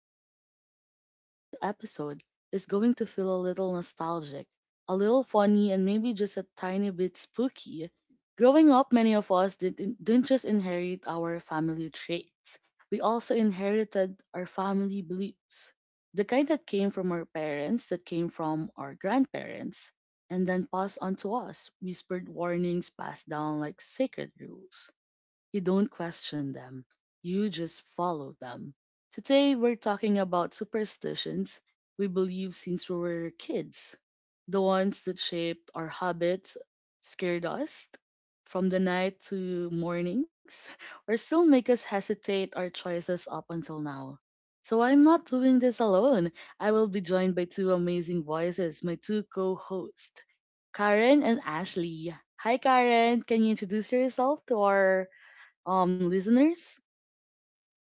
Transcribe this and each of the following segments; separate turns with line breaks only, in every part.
This is Rana, and today's episode is going to feel a little nostalgic, a little funny, and maybe just a tiny bit spooky. Growing up, many of us didn't just inherit our family traits, we also inherited our family beliefs. The kind that came from our parents, that came from our grandparents, and then passed on to us, whispered warnings passed down like sacred rules. You don't question them, you just follow them. Today, we're talking about superstitions we believe since we were kids, the ones that shaped our habits, scared us from the night to mornings, or still make us hesitate our choices up until now. So, I'm not doing this alone. I will be joined by two amazing voices, my two co hosts. Karen and Ashley. Hi, Karen. Can you introduce yourself to our listeners.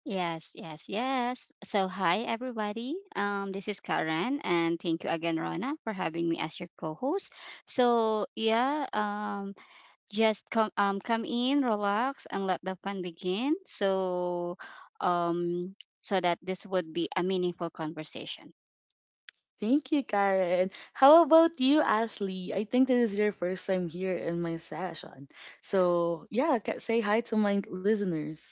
Yes, yes, yes. So, hi everybody. This is Karen, and thank you again, Rona, for having me as your co-host. So, yeah, just come in, relax, and let the fun begin. So that this would be a meaningful conversation.
Thank you, Karen. How about you, Ashley? I think this is your first time here in my session. So yeah, say hi to my listeners.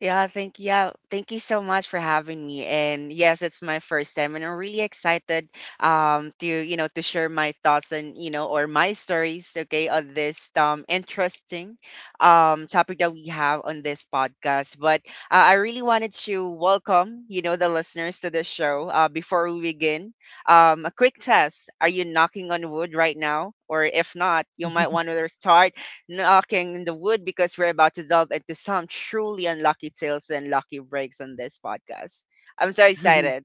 Thank you so much for having me. And yes, it's my first time, and I'm really excited to you know to share my thoughts and or my stories, okay, on this interesting topic that we have on this podcast. But I really wanted to welcome the listeners to the show. Before we begin, a quick test: Are you knocking on wood right now, or if not, you might want to start knocking in the wood because we're about to delve into some truly unlucky tales and lucky breaks on this podcast. I'm so excited.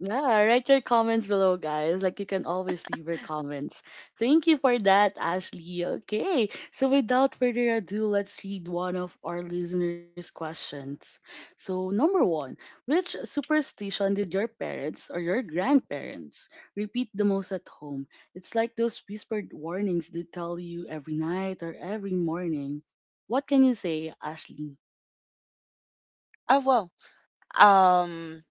Yeah, write your comments below, guys. Like you can always leave your comments. Thank you for that, Ashley. Okay, so without further ado, let's read one of our listeners' questions. So, number one, which superstition did your parents or your grandparents repeat the most at home? It's like those whispered warnings they tell you every night or every morning. What can you say, Ashley?
Oh well. Um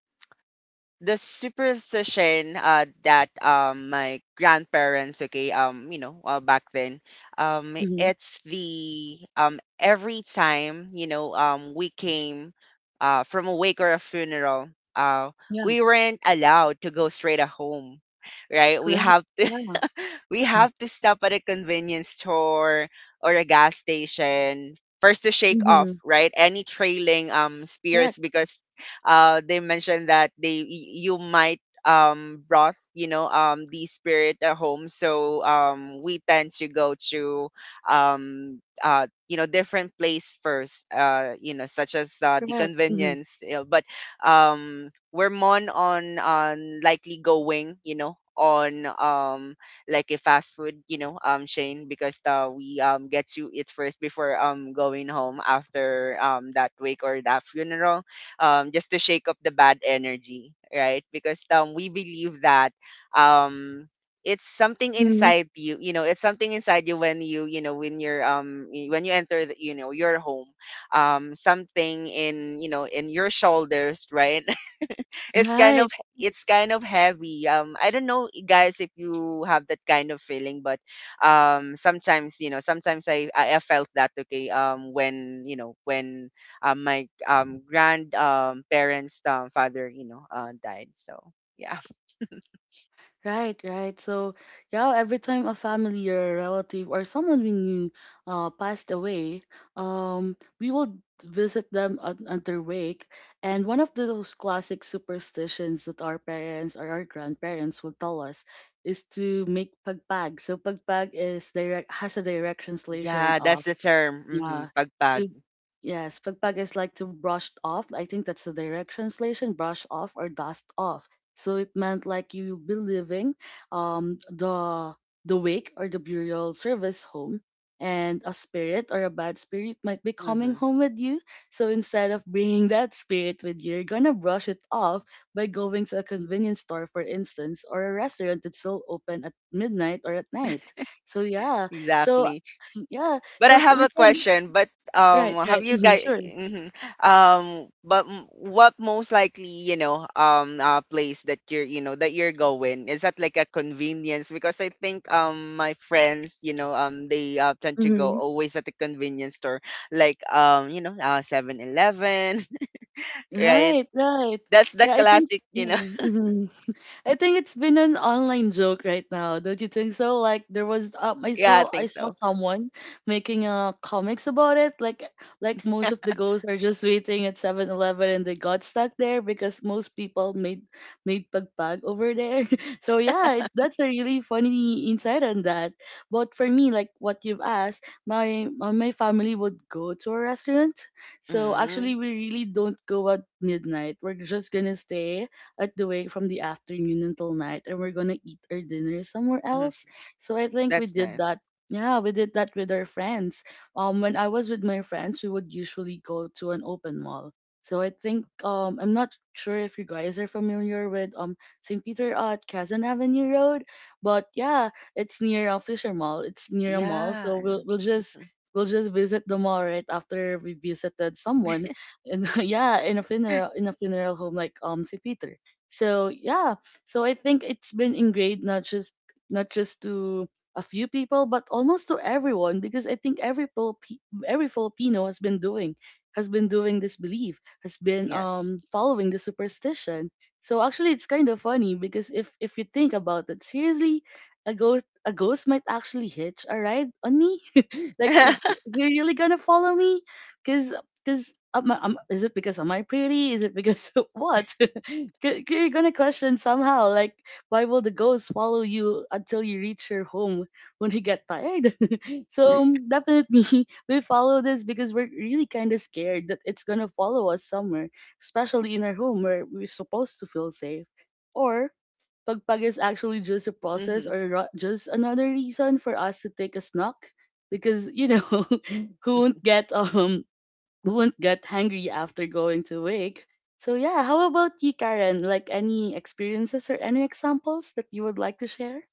the superstition that my grandparents, okay, back then,
Mm-hmm.
it's the every time we came from a wake or a funeral. uh
Yeah,
we weren't allowed to go straight at home, right? We
correct.
have to,
Yeah.
we
Mm-hmm.
have to stop at a convenience store or a gas station first to shake
Mm-hmm.
off, right, any trailing
Correct.
spirits, because they mentioned that you might brought the spirit at home. So we tend to go to different place first, such as the
Correct. Mm-hmm.
convenience, you know. But we're more on likely going, on like a fast food, you know, Shane, because we get to eat first before going home after that wake or that funeral, just to shake up the bad energy, right? Because we believe that um it's something
Mhm.
inside you, you know it's something inside you when you know when you're when you enter the, you know, your home. Something in, in your shoulders, right? It's kind
Right,
of, it's kind of heavy. I don't know, guys, if you have that kind of feeling. But sometimes, you know, sometimes I felt that, okay, when, you know, when my grand parents, father, died. So yeah.
right, right. So, yeah, every time a family or a relative or someone we knew passed away, we will visit them at their wake. And one of those classic superstitions that our parents or our grandparents will tell us is to make pagpag. So, pagpag is direct has a direct translation.
Yeah, that's the term. Mm-hmm.
Yeah.
Pagpag.
To yes, pagpag is like to brush off. I think that's the direct translation, brush off or dust off. So it meant like you'll be leaving the wake or the burial service home, and a spirit or a bad spirit might be coming
Mm-hmm.
home with you. So instead of bringing that spirit with you, you're gonna brush it off by going to a convenience store, for instance, or a restaurant that's still open at midnight or at night. So yeah. So
Exactly.
yeah
But I
so
have
we
a
can
question. But
right, right.
have you
Mhm,
guys...
sure.
Mhm. What most likely, you know, place that you're, you know, that you're going, is that like a convenience? Because I think my friends, you know, they tend to go
Hmm.
always at the convenience store, like, 7-Eleven. Right?
Right, right.
That's the
Yeah, I think
classic, you know.
yeah. Hmm. I think it's been an online joke right now, don't you think so? Like there was
Yeah, I
I
think
saw
so.
someone making comics about it. Like most of the ghosts are just waiting at 7-Eleven and they got stuck there because most people made pagpag over there. So yeah, that's a really funny insight on that. But for me, like what you've asked, my my family would go to a restaurant. So
Mm-hmm.
actually, we really don't go at midnight. We're just gonna stay at the doing from the afternoon until night, and we're gonna eat our dinner somewhere
Mm-hmm.
else. So I think we
That's
did
nice.
that. Yeah, we did that with our friends. When I was with my friends, we would usually go to an open mall. So I think I'm not sure if you guys are familiar with St. Peter at Quezon Avenue Road, but yeah, it's near a Fisher Mall. It's near a mall,
Yeah.
so
I
we'll
know.
we'll just
Mhm.
we'll just visit the mall right after we visited someone and yeah in a funeral home like St. Peter. So yeah, so I think it's been ingrained not just to a few people, but almost to everyone because I think every Filipino has been doing this belief has been
Yes.
following the superstition. So actually, it's kind of funny because if you think about it seriously, a ghost might actually hitch a ride on me. Like, is he really gonna follow me? Because is it because am I pretty? Is it because of what? You're gonna question somehow, like, why will the ghost follow you until you reach your home when you get tired? So definitely we follow this because we're really kind of scared that it's gonna follow us somewhere, especially in our home where we're supposed to feel safe. Or pagpag is actually just a
Hmm.
just another reason for us to take a snuck because you know who won't get hungry after going to wake. So yeah, how about you, Karen? Like any experiences or any examples that you would like to share?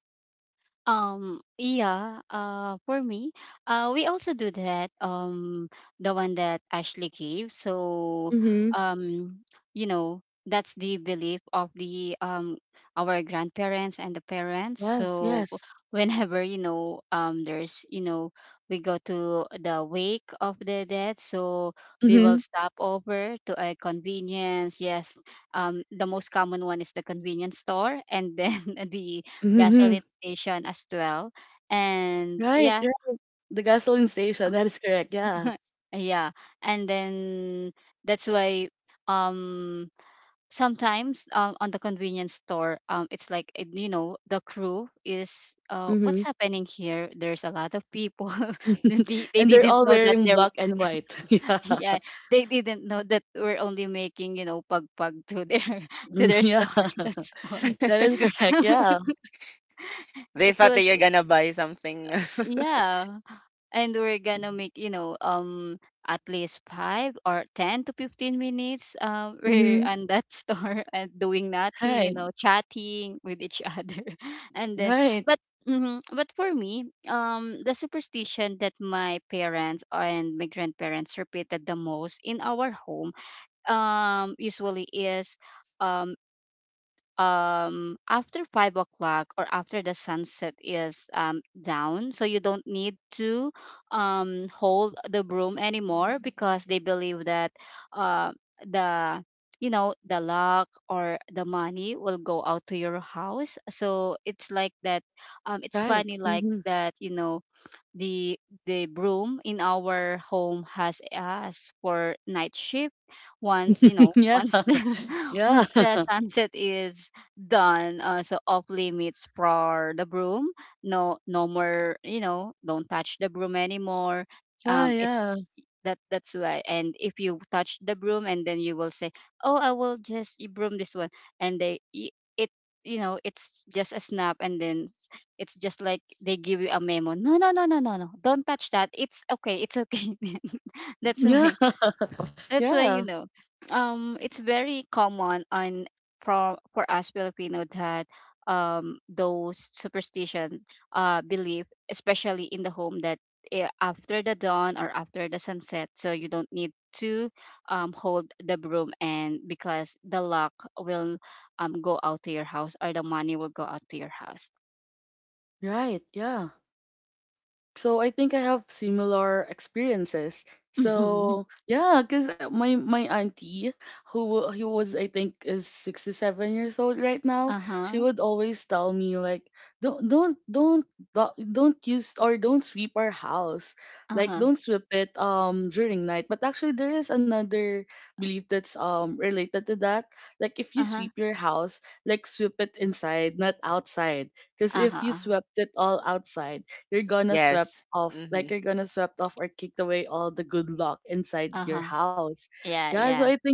Yeah, for me, we also do that, the one that Ashley gave. So,
Mm-hmm.
um, that's the belief of our grandparents and the parents.
Yes,
So
yes.
whenever, we go to the wake of the dead, so we will
Mm-hmm.
stop over to a convenience. Yes, the most common one is the convenience store, and then the
Mm-hmm.
gasoline station as well. And
Right,
yeah,
right. The gasoline station, that is correct, yeah.
yeah. And then that's why um sometimes on the convenience store, it's like, the crew is, what's
Mm-hmm.
happening here? There's a lot of people. they, they
And they're
didn't
all
know that
wearing
they're
black and white. Yeah.
yeah, they didn't know that we're only making, pag pag to their to
Mm,
their
yeah.
store. That's why
That is correct, yeah.
They
it
thought
was,
that you're gonna buy something.
yeah, and we're gonna make, at least 5 or 10 to 15 minutes, we're
Mm-hmm.
on that store and doing nothing,
Right,
chatting with each other. And then
right,
but mhm, but for me, the superstition that my parents and my grandparents repeated the most in our home usually is, um after 5 o'clock or after the sunset is down, so you don't need to hold the broom anymore, because they believe that, uh the you know the luck or the money will go out to your house, so it's like that. It's
right.
funny like
Mm-hmm.
that, you know. The the broom in our home has us for night shift. Once you know,
Yeah.
once the
Yeah.
once the sunset is done, so off limits for the broom. No, no more. You know, don't touch the broom anymore.
Yeah,
It's
yeah.
that That's why. And if you touch the broom and then you will say, "Oh, I will just broom this one," and they y- it you know it's just a snap, and then it's just like they give you a memo. No, no, no, no, no, no. Don't touch that. It's okay. It's okay. that's
Yeah.
why that's why,
Yeah.
it's very common on for us Filipino that those superstitions, belief, especially in the home, that after the dawn or after the sunset, so you don't need to hold the broom and because the luck will go out to your house or the money will go out to your house.
Right, yeah. So I think I have similar experiences.
uh
So yeah, because my auntie who was I think is 67 years old right now, she
huh.
would always tell me like don't don't use or don't sweep our house,
Uh
like
huh.
don't sweep it during night. But actually there is another belief that's related to that. Like if you
Uh huh.
sweep your house, like sweep it inside, not outside. Because
Uh
if you
huh.
swept it all outside, you're gonna swept
Yes.
off
Mm-hmm.
like you're gonna swept off or kicked away all the good luck inside
Uh
your
huh.
house.
Yeah.
Yeah, so I
Yeah.
think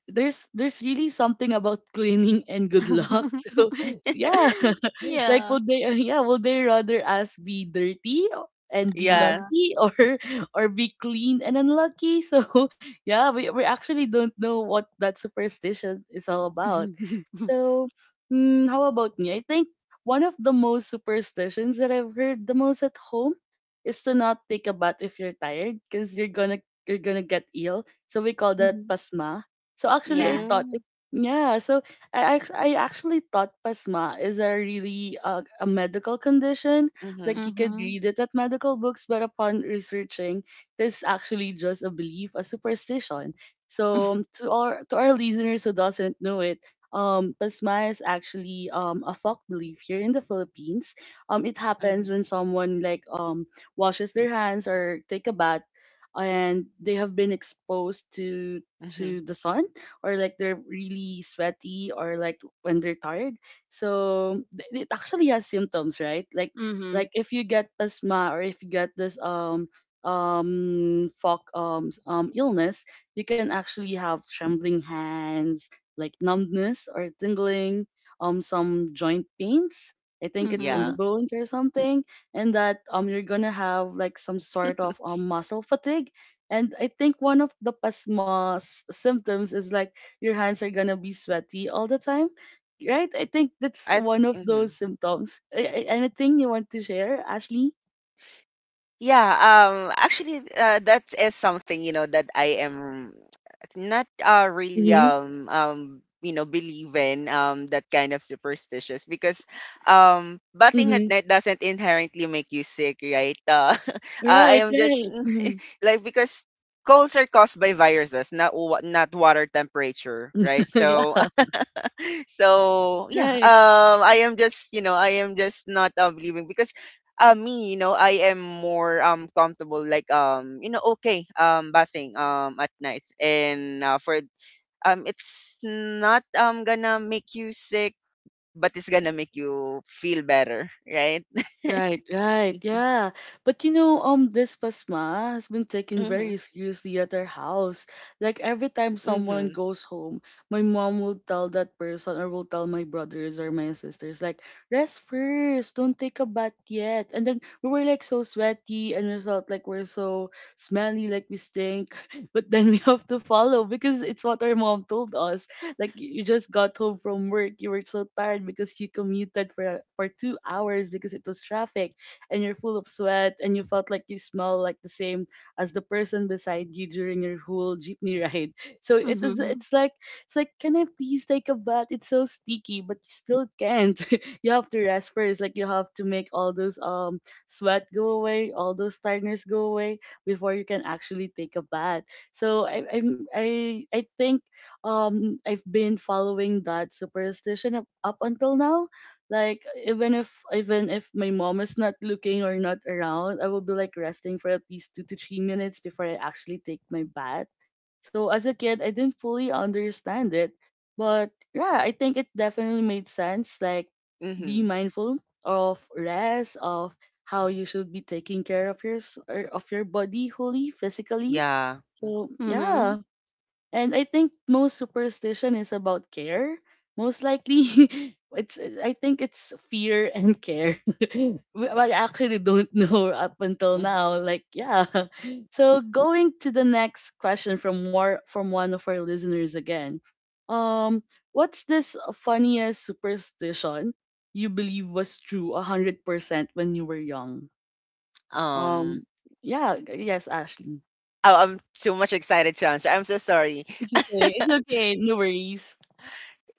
there's really something about cleaning and good luck. So yeah. Like
Yeah.
would they yeah would they rather us be dirty and be
Yeah.
Uh-huh.
lucky, or or be clean and unlucky? So yeah, we actually don't know what that superstition is all about. So mm, how about me? I think one of the most superstitions that I've heard the most at home is to not take a bath if you're tired because you're gonna get ill, so we call that
Hmm.
pasma. So actually I
Yeah.
thought it,
Mm-hmm.
yeah, so I actually thought PASMA is a really a medical condition.
Mm-hmm.
Like you could
Mm-hmm.
read it at medical books, but upon researching, this actually just a belief, a superstition. So to our listeners who doesn't know it, PASMA is actually a folk belief here in the Philippines. It happens
Mm-hmm.
when someone like washes their hands or take a bath, and they have been exposed to
Mm-hmm.
the sun or like they're really sweaty or like when they're tired. So it actually has symptoms, right?
Mm-hmm.
Like if you get asthma or if you get this fog um illness, you can actually have trembling hands, like numbness or tingling, some joint pains. I think it's in
Mm-hmm.
the
Yeah.
bones or something, and that you're gonna have like some sort of muscle fatigue. And I think one of the pasma's symptoms is like your hands are gonna be sweaty all the time, right? I think that's
I.
one of
Th-
those
mhm.
symptoms. Anything you want to share, Ashley?
Yeah, actually that is something, you know, that I am not really
Mm-hmm.
you know believe in that kind of superstitious, because bathing at
Mm-hmm.
night doesn't inherently make you sick, right? I
Right,
am just
right. Mm-hmm.
like, because colds are caused by viruses, not not water temperature, right? So
Yeah,
so yeah,
right.
I am just, you know, I am just not leaving, because me, you know, I am more comfortable, like, you know, okay, bathing at night. And for it's not gonna make you sick, but it's gonna make you feel better, right?
Right, right, yeah. But you know, this pasma has been taken
Hmm.
very seriously at our house. Like every time someone
Hmm.
goes home, my mom will tell that person or will tell my brothers or my sisters, like, rest first, don't take a bath yet. And then we were like so sweaty and we felt like we're so smelly, like we stink. But then we have to follow because it's what our mom told us. Like you just got home from work, you were so tired because you commuted for 2 hours because it was traffic, and you're full of sweat, and you felt like you smell like the same as the person beside you during your whole jeepney ride. So it is.
Mm-hmm.
It's like, can I please take a bath? It's so sticky, but you still can't. You have to rest first. Like you have to make all those sweat go away, all those tiredness go away before you can actually take a bath. So I think I've been following that superstition up until now. Like even if my mom is not looking or not around, I will be like resting for at least 2 to 3 minutes before I actually take my bath. So as a kid I didn't fully understand it. But yeah, I think it definitely made sense. Like be
Hmm.
mindful of rest, of how you should be taking care of your or of your body wholly physically.
Yeah. Mhm.
So
Mm-hmm.
yeah, and I think most superstition is about care. Most likely, it's I think it's fear and care. Well, I actually don't know up until
Mhm.
now. Like, yeah. So going to the next question from one of our listeners again. Um, what's this funniest superstition you believe was true 100% when you were young?
um
Um, yeah, yes, Ashley.
oh, I'm too much excited to answer, I'm so sorry.
It's okay. It's okay. No worries.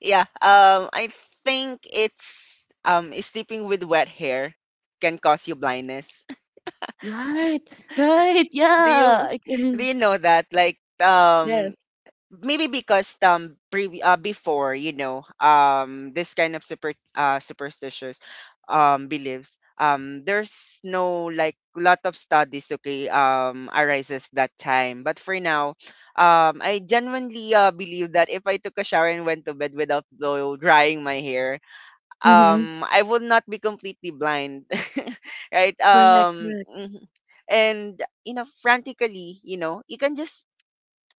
Yeah. I think it's sleeping with wet hair can cause you blindness.
Right, right,
Do you,
yeah.
do you know that? Like,
Yes.
maybe because before, you know, this kind of superstitious beliefs, there's no like lot of studies, okay, arises that time. But for now I genuinely believe that if I took a shower and went to bed without blow drying my hair,
Mm-hmm.
I would not be completely blind. Right?
Correct, correct.
Mhm. And, you know, frantically, you know, you can just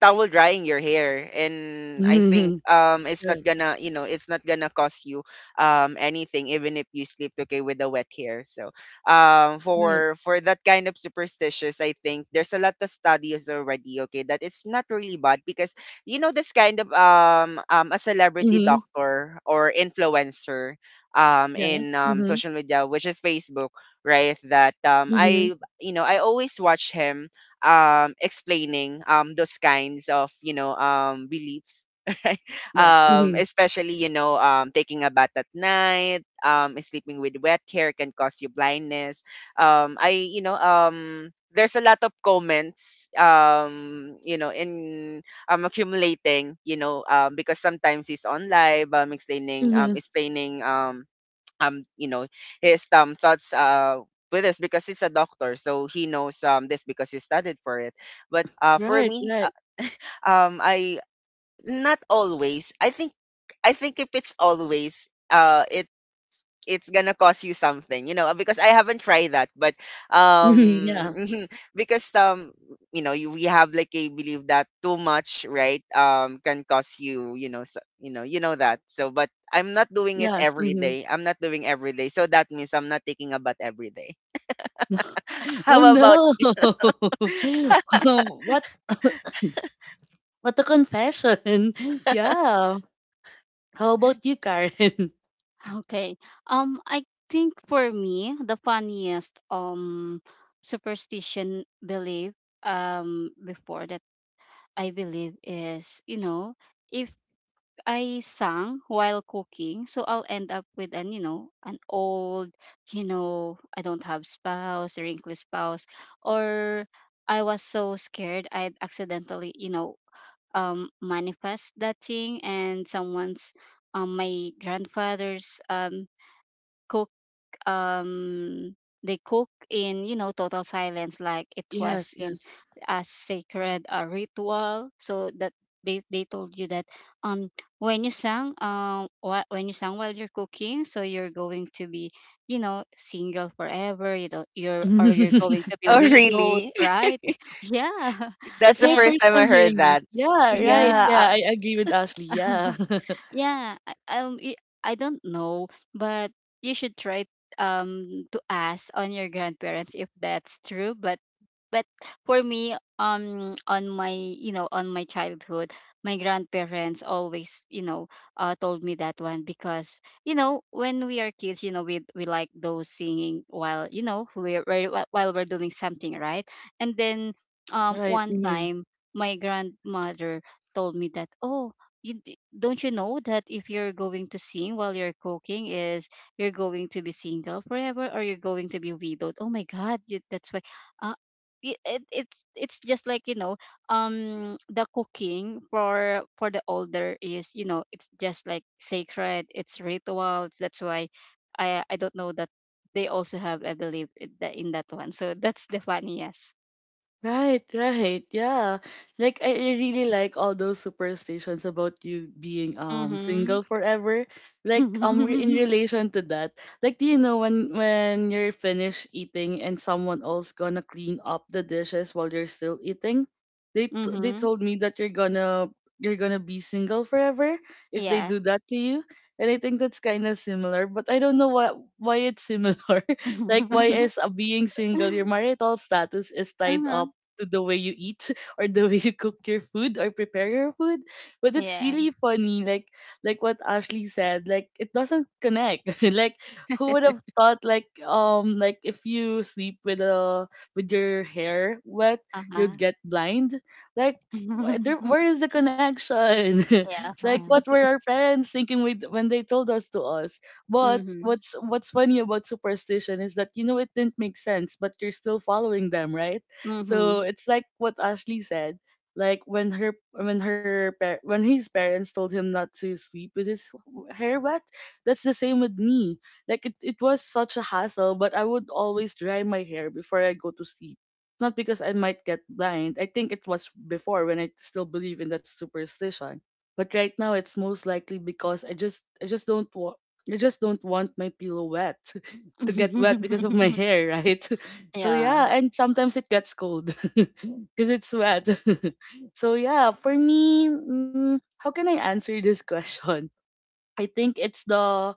towel drying your hair, and I think
Mm-hmm.
it's not
Right,
gonna, you know, it's not gonna cost you anything even if you sleep, okay, with the wet hair. So
right.
for that kind of superstitious, I think there's a lot of studies already, okay, that it's not really bad. Because, you know, this kind of a celebrity
Mm-hmm.
doctor or influencer
Yeah.
in
Mm-hmm.
social media, which is Facebook, right? That
Mm-hmm.
I, you know, I always watch him explaining those kinds of, you know, beliefs. Right?
Yes. Mm-hmm.
Especially, you know, taking a bath at night, sleeping with wet hair can cause you blindness. I, you know, there's a lot of comments you know in accumulating, you know, because sometimes it's on live, explaining,
Mm-hmm.
you know, his thoughts with us, because he's a doctor, so he knows this, because he studied for it. But for
Right,
me,
right.
I not always, I think, I think if it's always it's gonna cost you something, you know. Because I haven't tried that. But
Mm-hmm.
um
Yeah.
because, you know, you, we have like a belief that too much, right, can cost you, you know. So, you know, you know that. So but I'm not doing it
Yes.
every
Mm-hmm.
day, I'm not doing every day, so that means I'm not taking a bath every day.
Oh
How about...
no. Oh, what a confession. Yeah. How about you, Karen?
Okay. I think for me, the funniest superstition belief before that I believe is, you know, if I sang while cooking, so I'll end up with an, an old, I don't have spouse, wrinkly spouse, or I was so scared I'd accidentally, manifest that thing and someone's, my grandfather's, um they cook in, total silence, like it was
Yes,
in
yes.
a sacred, ritual, so that they told you that, um when you sang, when you sang while you're cooking, so you're going to be, single forever, you're, or you're going to be
Oh
widowed,
really?
right? Yeah.
That's
It's
the
my
Yeah.
first
first
time I
time
heard
hearing this.
that.
Yeah, right.
Yeah.
Yeah.
Yeah, I agree with Ashley. Yeah.
Yeah, um, y- I don't know, but you should try to ask on your grandparents if that's true. But for me, on my, on my childhood, my grandparents always, told me that one, because, when we are kids, we like those singing while, while we're doing something, right? And then
Right.
one
Mm-hmm.
time my grandmother told me that, oh, don't you know that if you're going to sing while you're cooking is you're going to be single forever or you're going to be widowed? Oh my god, that's why, uh, it's just like, the cooking for the older is, it's just like sacred, it's rituals. That's why I don't know that they also have I believe in that one, so that's the funniest.
Right, right. Yeah. Like I really like all those superstitions about you being
Mm-hmm
single forever. Like, in relation to that, like, do you know when you're finished eating and someone else gonna clean up the dishes while you're still eating? They
mm-hmm
told me that you're gonna be single forever if they
yeah
do that to you. And I think that's kind of similar, but I don't know why it's similar. like, why is, being single, your marital status is tied
Uh-huh.
up to the way you eat, or the way you cook your food or prepare your food. But it's
Yeah.
really funny, like what Ashley said, like it doesn't connect. like, who would have thought, like if you sleep with your hair wet,
Uh-huh.
you'd get blind? Like, where is the connection?
Yeah.
like, what
Uh-huh.
were our parents thinking when they told us to us? But
Mhm.
what's funny about superstition is that it didn't make sense, but you're still following them, right? So
Mhm.
it's like what Ashley said. Like, when her when his parents told him not to sleep with his hair wet, that's the same with me. Like, it was such a hassle, but I would always dry my hair before I go to sleep. Not because I might get blind. I think it was before when I still believe in that superstition. But right now it's most likely because I just don't want my pillow wet to get wet because of my hair, right? So
Yeah.
yeah, and sometimes it gets cold because it's wet. so yeah, for me, how can I answer this question? I think it's the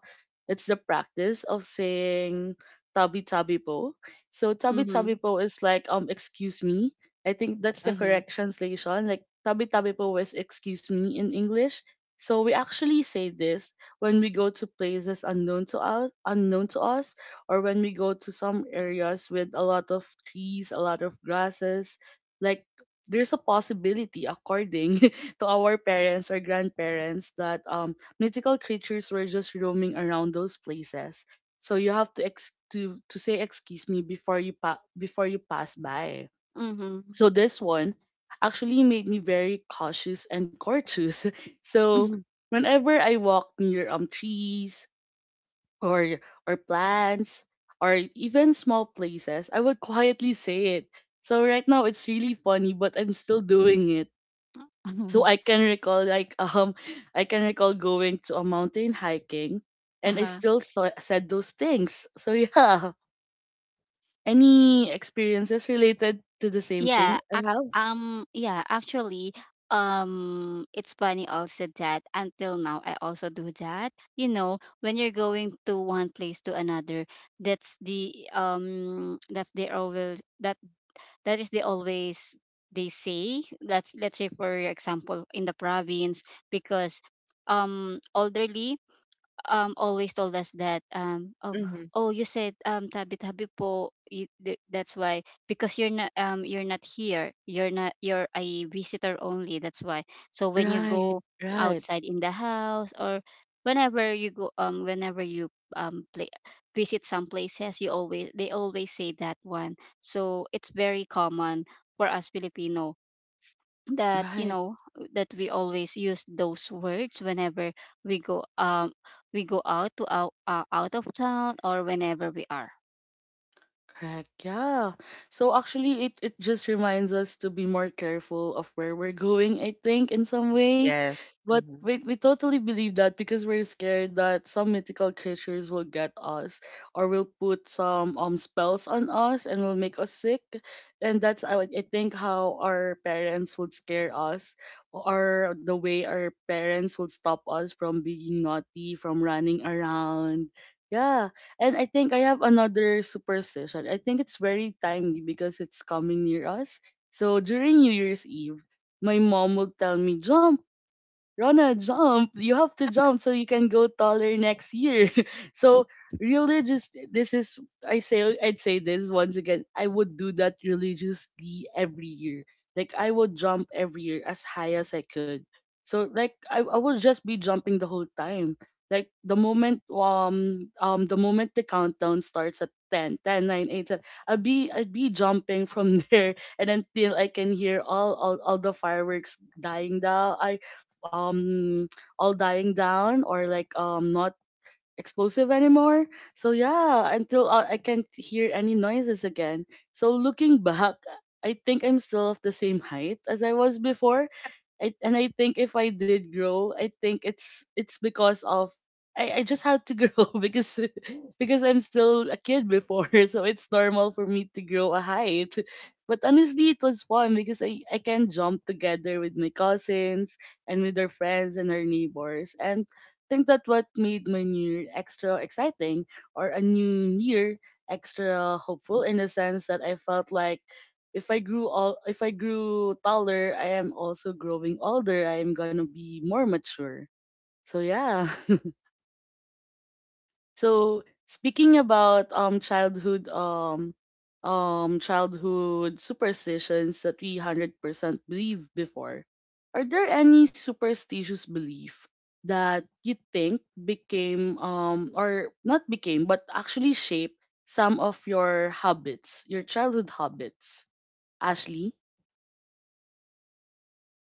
it's the practice of saying tabi tabi po. So tabi
Mhm.
tabi po is like, excuse me. I think that's the
mm-hmm.
correct translation. Like, tabi tabi po is excuse me in English. So we actually say this when we go to places unknown to us, or when we go to some areas with a lot of trees, a lot of grasses. Like, there's a possibility, according to our parents or grandparents, that mythical creatures were just roaming around those places. So you have to to say excuse me before you pass by.
Mhm.
So this one actually made me very cautious and courteous. so whenever I walk near trees, or or plants, or even small places, I would quietly say it. So right now it's really funny, but I'm still doing it, so I can recall, like, I can recall going to a mountain hiking, and I
Uh-huh.
still said those things. So yeah, any experiences related to the same
Yeah.
thing I
Ac
have?
um. Yeah. Actually, it's funny also that until now I also do that. You know, when you're going to one place to another, that's the um, that's the always that that is the always they say, that's, let's say for example, in the province, because elderly, always told us that,
Mm-hmm.
oh you said, tabi tabi po, that's why, because you're not here, you're not you're a visitor only, that's why. So when you
Right,
go
right,
outside in the house or whenever you, play, visit some places, you always they always say that one. So it's very common for us Filipino that,
right.
that we always use those words whenever we go, we go out to, out of town or whenever we are.
Correct. Yeah. So actually, it just reminds us to be more careful of where we're going, I think, in some way.
Yes.
But
Mhm.
we totally believe that because we're scared that some mythical creatures will get us, or will put some spells on us and will make us sick. And that's, I think, how our parents would scare us, or the way our parents would stop us from being naughty, from running around. Yeah, and I think I have another superstition. I think it's very timely because it's coming near us. So during New Year's Eve, my mom would tell me, "Jump, Rana, jump! You have to jump so you can go taller next year." so religious, this is. I'd say this once again. I would do that religiously every year. Like, I would jump every year as high as I could. So like, I would just be jumping the whole time. Like, the moment, the countdown starts at 10, 10, 9, eight, seven, I'd be jumping from there and until I can hear all the fireworks dying down, um all dying down, or like, not explosive anymore. So yeah, until I can't hear any noises again. So looking back, I think I'm still of the same height as I was before. And I think if I did grow, I think it's because of, I just had to grow, because I'm still a kid before, so it's normal for me to grow a height. But honestly, it was fun because I can jump together with my cousins and with our friends and our neighbors. And think that what made my new year extra exciting, or a new year extra hopeful, in the sense that I felt like, if I grew taller, I am also growing older. I am gonna be more mature. So yeah. So speaking about, childhood superstitions that we 100% believe before, are there any superstitious belief that you think became, or not became but actually shaped some of your habits, your childhood habits, Ashley?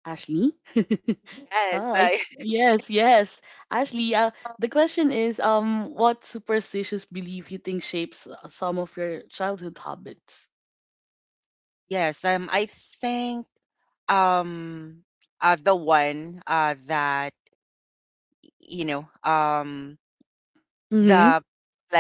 Ashley?
Yes,
Ah,
I,
yes, yes. Ashley, the question is, what superstitious belief you think shapes, some of your childhood habits?
yes, I think um the one that, you know um
Mm-hmm.
the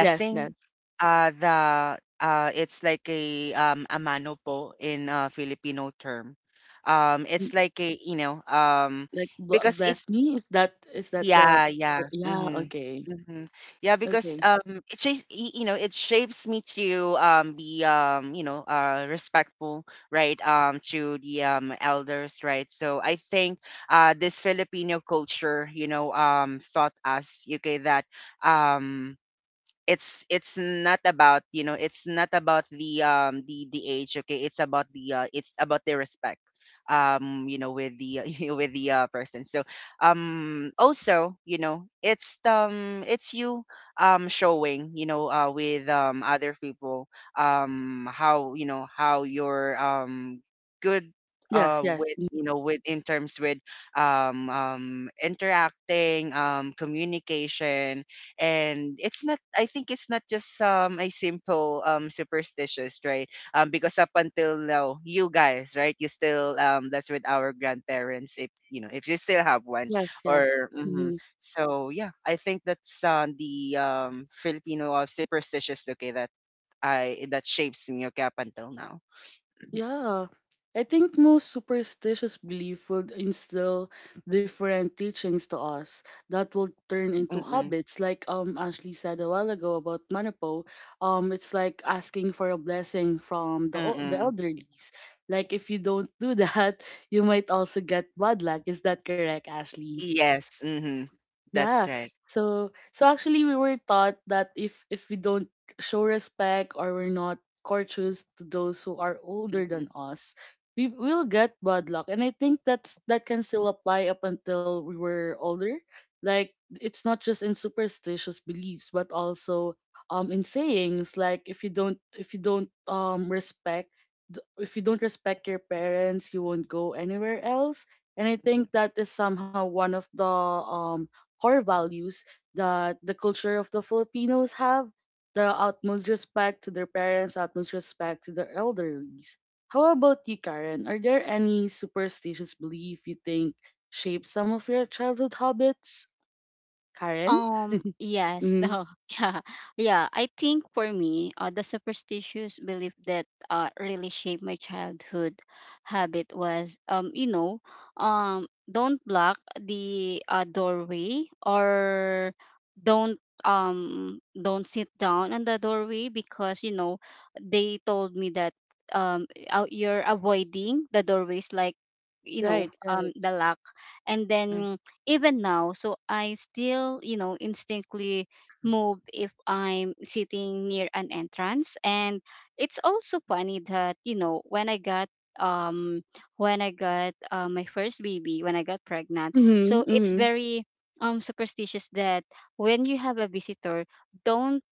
Yes, yes.
the it's like a, a mano po in Filipino term. It's
Mm,
like a, you know,
like
because it...
bless me? Is that the,
Yeah, yeah.
yeah,
Mm-hmm.
okay.
Mm-hmm. Yeah, because
Okay.
it shapes you know, it shapes me to be you know, respectful, right? To the elders, right? So I think this Filipino culture, you know, taught us, okay, that um it's not about, you know, it's not about the, the age, okay, it's about the, it's about the respect, you know, with the, you know, with the, person. So also, you know, it's, it's you showing, you know, with other people how, you know, how you're good
Yes, yes.
with, you know, with in terms with, interacting, communication. And it's not, I think it's not just a simple superstitious, right? Because up until now, you guys, right, you still that's with our grandparents, if you know, if you still have one,
Yes, yes.
or
Mm-hmm.
mhm. So yeah, I think that's the Filipino of superstitious, okay, that I, that shapes me, okay, up until now.
Yeah. I think most superstitious belief would instill different teachings to us that will turn into
Mm-mm.
habits. Like, Ashley said a while ago about Manapo. It's like asking for a blessing from the
Mm-mm.
elderlies. Like, if you don't do that, you might also get bad luck. Is that correct, Ashley?
Yes. Mm-hmm. That's
Yeah.
right.
So, actually we were taught that if we don't show respect or we're not courteous to those who are older
Mm-hmm.
than us, we will get bad luck. And I think that can still apply up until we were older. Like, it's not just in superstitious beliefs, but also in sayings like, if you don't respect th- if you don't respect your parents, you won't go anywhere else. And I think
Mm-hmm.
that is somehow one of the core values that the culture of the Filipinos have, the utmost respect to their parents, utmost respect to their elderlies. How about you, Karen? Are there any superstitious belief you think shaped some of your childhood habits? Karen?
Yes,
Mm-hmm.
no, yeah, yeah. I think for me, the superstitious belief that really shaped my childhood habit was, you know, don't block the, doorway, or don't, don't sit down on the doorway, because, they told me that, you're avoiding the doorways, like,
Right, right.
the lock. And
Mm-hmm.
then even now, so I still, instinctively move if I'm sitting near an entrance. And it's also funny that, um when I got, my first baby, when I got pregnant, so
Mm-hmm,
it's
mm-hmm.
very superstitious that when you have a visitor, don't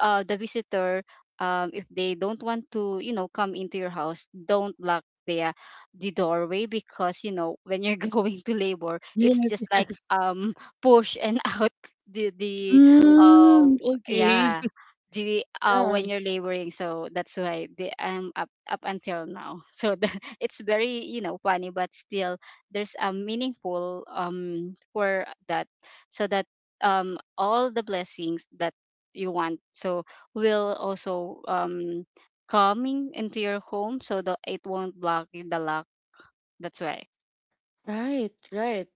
the visitor, if they don't want to, come into your house, don't block the, the doorway, because, when you're going to labor, it's
Yes,
just like,
yes.
push and out the um
Mm, okay.
yeah, the
Yeah,
when you're laboring, so that's why the I'm up until now. So, it's very, funny, but still there's a meaningful for that, so that all the blessings that you want. So will also coming into your home, so that it won't block you the lock. That's why.
right, right.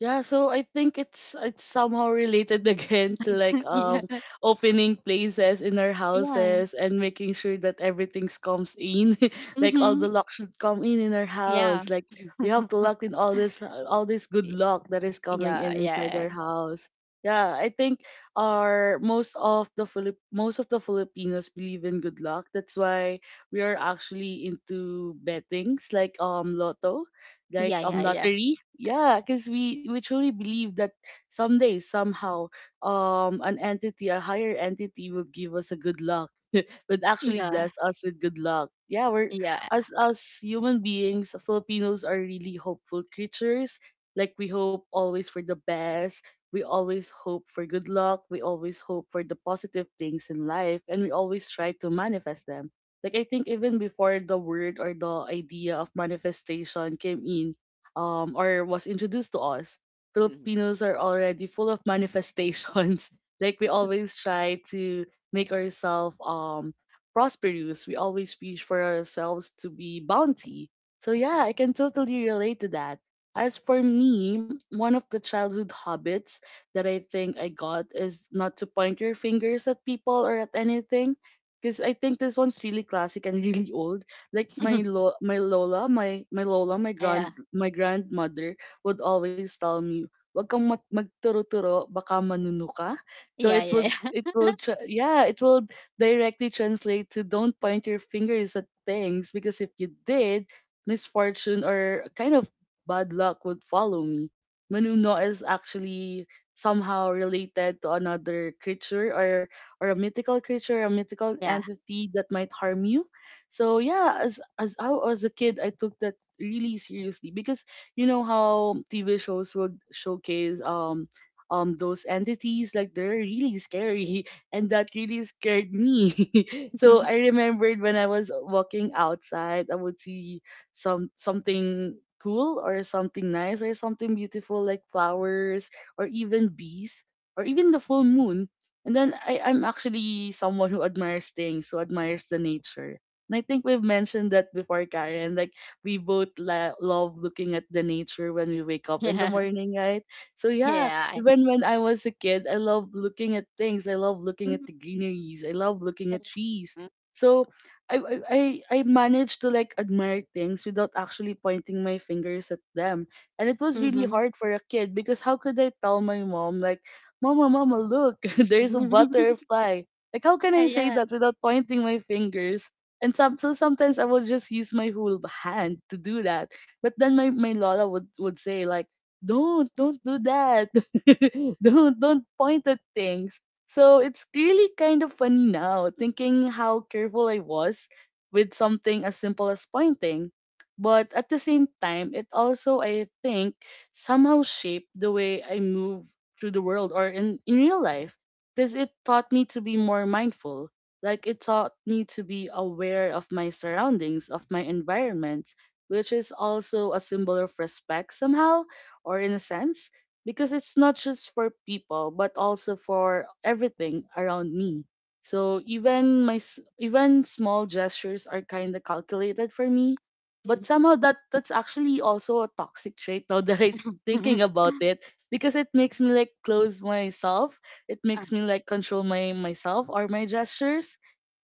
Yeah, so I think it's somehow related again to like,
yeah.
opening places in our
Yeah.
houses and making sure that everything's comes in, like all
Mm-hmm.
the luck should come in our
Yeah.
house. Like, we have to lock in all this good
Y-
luck that is coming
Yeah.
in inside our
Yeah.
house. Yeah, I think our, most of the Filipinos believe in good luck. That's why we are actually into bettings like, lotto, like,
Yeah. Yeah. Yeah.
lottery. Yeah, because we truly believe that someday somehow an entity, a higher entity, will give us a good luck. But actually bless us with good luck. Yeah, we're
Yeah. Yeah.
as human beings, Filipinos are really hopeful creatures. Like, we hope always for the best. We always hope for good luck. We always hope for the positive things in life, and we always try to manifest them, like, I think even before the word or the idea of manifestation came in, or was introduced to us,
Mm-hmm.
Filipinos are already full of manifestations. like, we always try to make ourselves prosperous. We always wish for ourselves to be bounty. So yeah, I can totally relate to that. As for me, one of the childhood habits that I think I got is not to point your fingers at people or at anything, because I think this one's really classic and really old. Like my lo- my lola, my
yeah.
grand my grandmother would always tell me, "Wag kang mag- magturo-turo, baka manuno ka." So
Yeah.
it would it
Yeah.
will tra- yeah, it will directly translate to don't point your fingers at things because if you did, misfortune or kind of bad luck would follow me. Manuno is actually somehow related to another creature or a mythical creature, a mythical
Yeah.
entity that might harm you. So yeah, as I was a kid, I took that really seriously because you know how TV shows would showcase those entities like they're really scary and that really scared me. So I remembered when I was walking outside, I would see something cool or something nice or something beautiful like flowers or even bees or even the full moon, and then I'm actually someone who admires things, who admires the nature. And I think we've mentioned that before, Karen. Like we both love looking at the nature when we wake up in the
Yeah.
morning, right? So yeah,
Yeah. Yeah.
even when I was a kid, I love looking at things. I love looking at
Mhm.
the greeneries. I love looking at trees. So I I I I managed to like admire things without actually pointing my fingers at them. And it was really hard for a kid because how could I tell my mom like Mama, Mama, look,
Yeah. Yeah.
there's a
Mhm.
butterfly. Like, how can
Yeah.
I say
Yeah.
that without pointing my fingers? So sometimes I will just use my whole hand to do that. But then my Lola would, say, like, don't do that. Don't point at things. So it's really kind of funny now, thinking how careful I was with something as simple as pointing. But at the same time, it also, I think, somehow shaped the way I move through the world or in real life because it taught me to be more mindful. Like it taught me to be aware of my surroundings, of my environment, which is also a symbol of respect somehow or in a sense, because it's not just for people but also for everything around me. So even even small gestures are kind of calculated for me, but
Mhm.
somehow that's actually also a toxic trait now that I'm thinking about it, because it makes me like close myself. It
Ah.
makes me like control my myself or my gestures.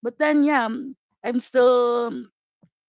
But then yeah, I'm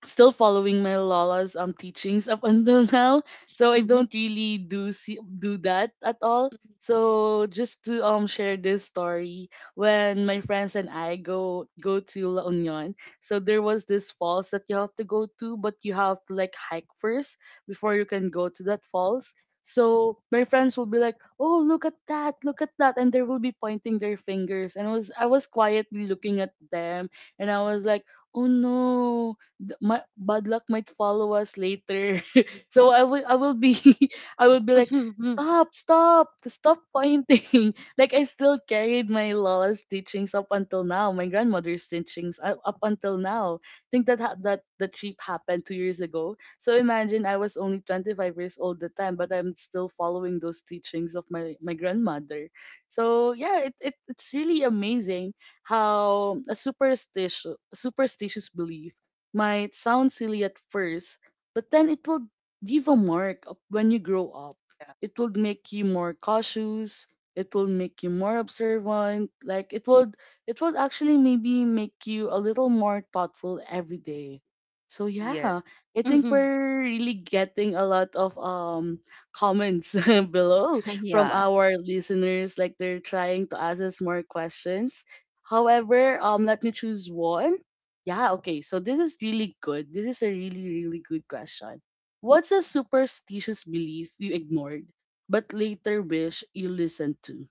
still following my lola's teachings up until now, so I
Mhm.
don't really do that at all. So just to share this story, when my friends and I go to La Union, so there was this falls that you have to go to, but you have to like hike first before you can go to that falls. So my friends will be like, oh, look at that, look at that, and they will be pointing their fingers and I was quietly looking at them, and I was like, oh no, my bad luck might follow us later. So I will be I will be like
Mhm. Mhm.
stop stop pointing. Like I still carried my law's teachings up until now, my grandmother's teachings up until now. I think that that the trip happened 2 years ago. So imagine I was only 25 years old at the time, but I'm still following those teachings of my grandmother. So yeah, it it's really amazing how a superstitious belief might sound silly at first, but then it will leave a mark of when you grow up.
Yeah.
It will make you more cautious. It will make you more observant. Like it would actually maybe make you a little more thoughtful every day. So
Yes.
yeah, I think we're really getting a lot of comments below from
Yeah.
our listeners. Like they're trying to ask us more questions. However, let me choose one. Yeah, okay. So this is really good. This is a really, really good question. What's a superstitious belief you ignored but later wish you listened to?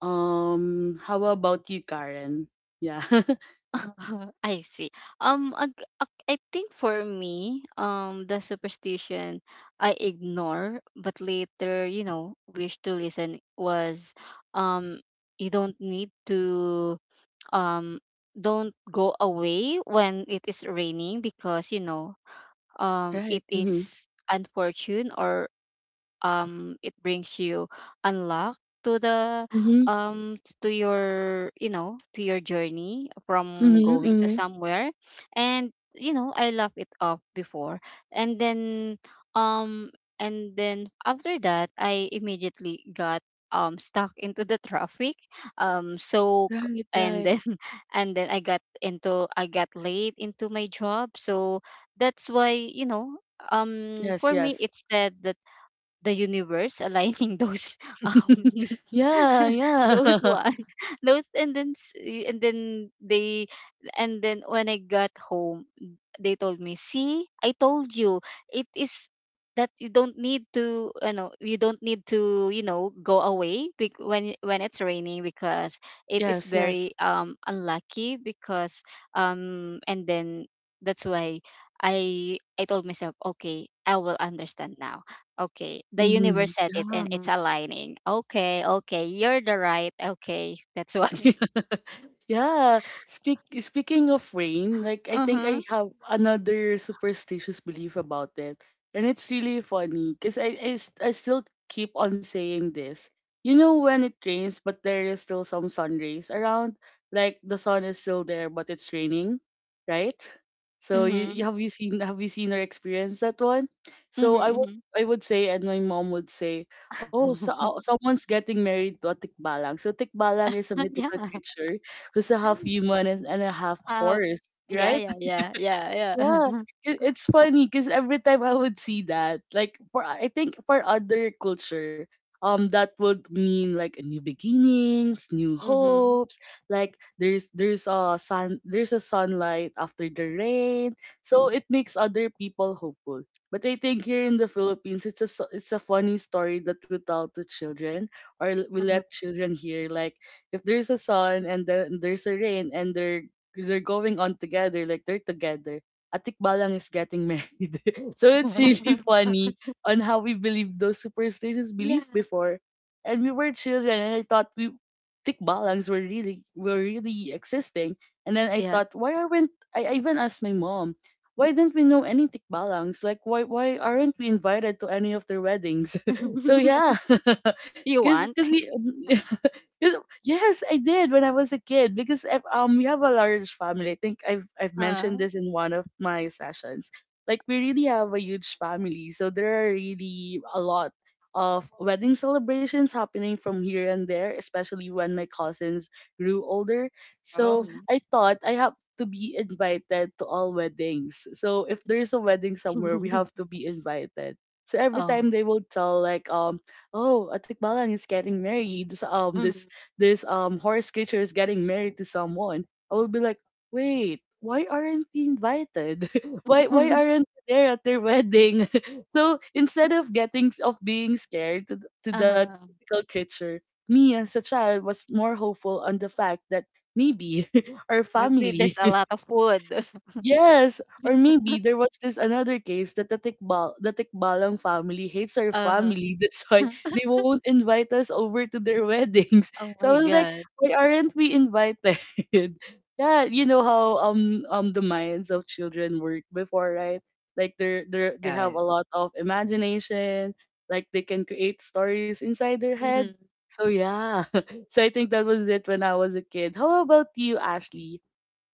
How about you, Karen? Yeah.
I see. Um, ag- I think for me, the superstition I ignore, but later, you know, wish to listen was, um, you don't need to, um, don't go away when it is raining, because, it
Right. Mm-hmm.
is unfortunate or it brings you unlock, to the,
Mm-hmm.
um to your, to your journey from
Mm-hmm.
going to
Mm-hmm.
somewhere. And, I love it off before, and then, um after that I immediately got stuck into the traffic, um so c-
Right,
and
right.
then and then I got late into my job, so that's why, for
Yes,
me,
yes.
it's said that the universe aligning those, um
Yeah,
those
yeah.
one. Those, and then they, and then when I got home, they told me, "See, I told you, it is that you don't need to, go away, when it's raining, because it is
Yes, yes.
very unlucky, because, and then that's why," I told myself, okay, I will understand now. Okay, the universe
Mm-hmm.
said it and
Yeah.
it's aligning. Okay, okay, you're the right. Okay. That's why.
Yeah. Speaking of rain, like I
Uh
think
huh.
I have another superstitious belief about it, and it's really funny because I still keep on saying this. You know when it rains, but there is still some sun rays around, like the sun is still there, but it's raining, right? So you,
mm-hmm,
you have you seen or experienced that one? So
mm-hmm,
I would say, and my mom would say, oh, so
mm-hmm.
someone's getting married to a tikbalang. So tikbalang is a
yeah.
mythical creature who's a half human, and a half
Uh,
horse,
yeah,
right?
yeah, yeah, yeah, yeah.
Yeah, it's funny because every time I would see that, like for I think for other culture, that would mean like a new beginnings, new
mhm.
hopes. Like there's a sun, there's a sunlight after the rain, so it makes other people hopeful. But I think here in the Philippines, it's a funny story that we tell to children, or we
Mhm.
let children hear like if there's a sun and then there's a rain and they're going on together, like they're together. Atikbalang is getting married. So it's really funny on how we believed those superstitious belief
yeah.
before. And we were children and I thought we Tikbalangs were really existing. And then I
Yeah.
thought, why aren't I even asked my mom, why didn't we know any Tikbalangs? Like why aren't we invited to any of their weddings? So yeah.
you
Cause, cause
want?
we 'Cause— yes, I did when I was a kid because we have a large family. I think I've
Uh,
mentioned this in one of my sessions. Like we really have a huge family, so there are really a lot of wedding celebrations happening from here and there, especially when my cousins grew older.
Oh,
So
mhm.
nice.
I thought I have to be invited to all weddings. So if there's a wedding somewhere, we have to be invited. So every time
oh.
they will tell like oh, Atikbalang is getting married. So, this
Mhm.
this horse creature is getting married to someone, I will be like, wait, why aren't we invited? Why aren't we there at their wedding? So instead of getting of being scared to, to that
uh-huh.
mythical creature, me as a child was more hopeful on the fact that maybe our
Maybe there's
family—
a lot of food.
yes, or maybe there was this another case that the Tikbalang family hates our
uh-huh.
family. That's why they won't invite us over to their weddings.
Oh
So I
my
was like,
god.
why aren't we invited? Yeah, you know how the minds of children work before, right? Like they're they are they have a
Yes.
lot of imagination, like they can create stories inside their head.
Mhm.
So yeah. So I think that was it when I was a kid. How about you, Ashley?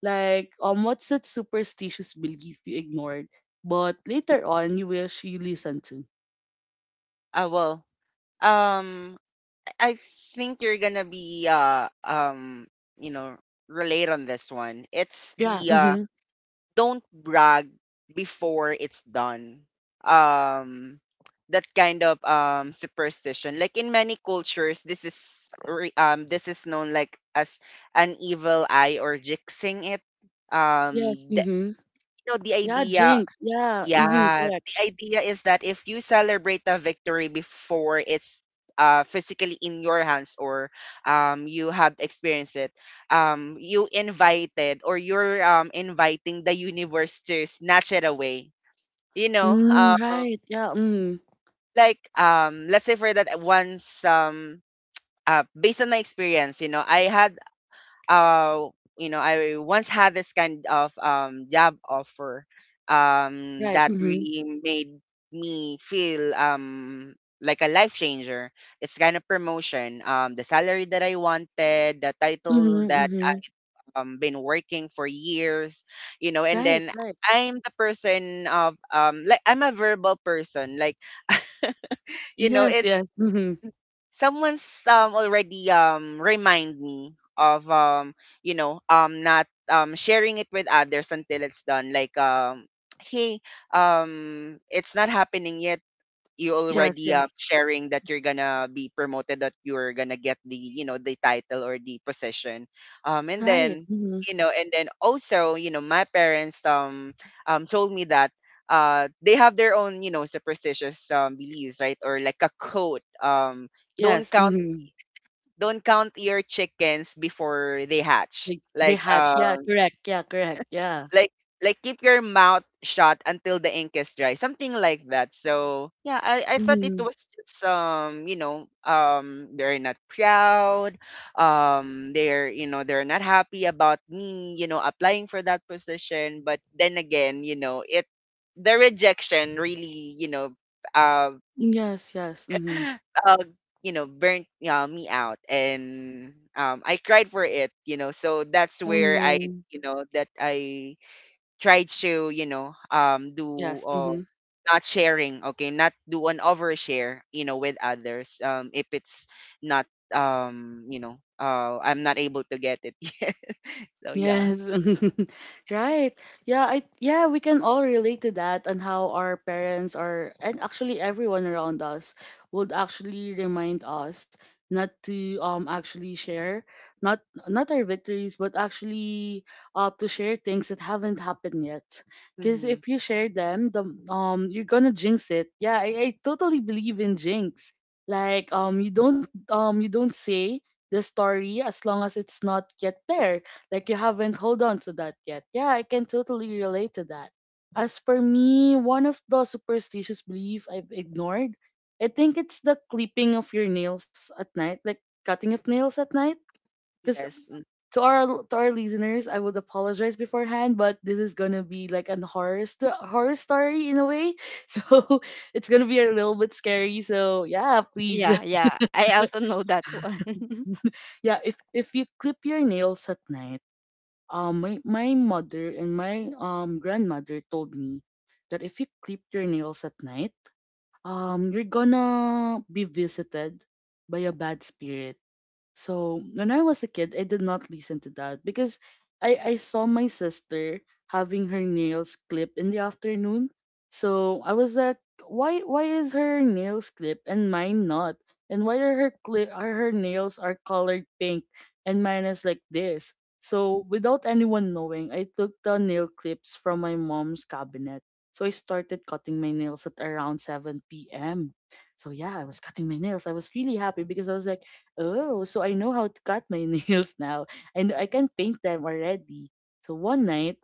Like, what's that superstitious belief you ignored, but later on you wish you listened to?
Ah, well, um I think you're gonna be you know, relate on this one. It's
Yeah.
the
Mm-hmm.
don't brag before it's done. um that kind of superstition. Like in many cultures this is this is known like as an evil eye or jinxing it. um
Yes.
the,
Mm-hmm.
you know, the
Yeah.
idea...
Jinx. Yeah. Mm-hmm.
Yeah,
Correct.
the idea is that if you celebrate the victory before it's physically in your hands, or you have experienced it, you invited or you're inviting the universe to snatch it away. You know, uh,
Mm, right. Yeah. Mm.
let's say for that once, based on my experience, I had uh I once had this kind of job offer
Right.
that
Mm-hmm.
really made me feel like a life changer. It's kind of promotion, the salary that I wanted, the title
Mm-hmm.
that
Mm-hmm.
I've been working for years. And
Right.
then
Right.
I'm the person of like I'm a verbal person, like
Yes.
it's
Yes. Mm-hmm.
someone's already remind me of not sharing it with others until it's done, like hey, it's not happening yet, you
Yes.
already
Yes.
sharing that you're gonna be promoted, that you're gonna get the the title or the position, and
Right.
then,
Mm-hmm.
and then also my parents told me that they have their own, superstitious beliefs, right, or like a quote,
Yes.
don't count
Mm-hmm.
don't count your chickens before they hatch,
They
like
hatch. Yeah. Correct. Yeah. Correct. Yeah.
like like keep your mouth shut until the ink is dry, something like that. So yeah, I thought it
Mm-hmm.
was just they're not proud, they're, they're not happy about me, applying for that position. But then again, it, the rejection really, uh,
Yes. Yes. Mm-hmm.
uh burnt me out, and I cried for it, so that's
Oh
where i
no.
you know that i tried to, do,
Yes. Mm-hmm.
not sharing, okay, not do an overshare, with others if it's not, I'm not able to get it yet. So yeah.
Yes. Right. Yeah, I yeah, we can all relate to that and how our parents are, and actually everyone around us would actually remind us not to actually share not not our victories, but actually to share things that haven't happened yet. Cuz
Hmm.
if you share them, the you're going to jinx it. Yeah, I totally believe in jinx. Like you don't you don't say the story as long as it's not yet there, like you haven't hold on to that yet. Yeah, I can totally relate to that. As for me, one of the superstitious belief I've ignored, I think it's the clipping of your nails at night, like cutting of nails at night. Because
Yes.
to our listeners, I would apologize beforehand, but this is gonna be like an horror story in a way. So it's gonna be a little bit scary. So yeah, please
Yeah, yeah. I also know that one.
yeah, if you clip your nails at night, my mother and my grandmother told me that if you clip your nails at night, you're gonna be visited by a bad spirit. So when I was a kid, I did not listen to that because I saw my sister having her nails clipped in the afternoon. So I was like, why is her nails clipped and mine not? And why are her nails are colored pink and mine is like this? So without anyone knowing, I took the nail clips from my mom's cabinet. So I started cutting my nails at around 7 p.m. So yeah, I was cutting my nails. I was really happy because I was like, oh, so I know how to cut my nails now, and I can paint them already. So one night,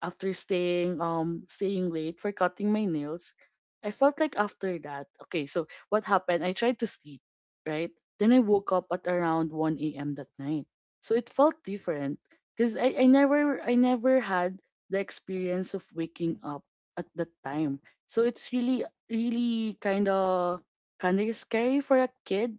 after staying late for cutting my nails, I felt like after that, okay, so what happened? I tried to sleep, right? Then I woke up at around 1 a.m. that night. So it felt different because I never had the experience of waking up at that time. So it's really really kinda scary for a kid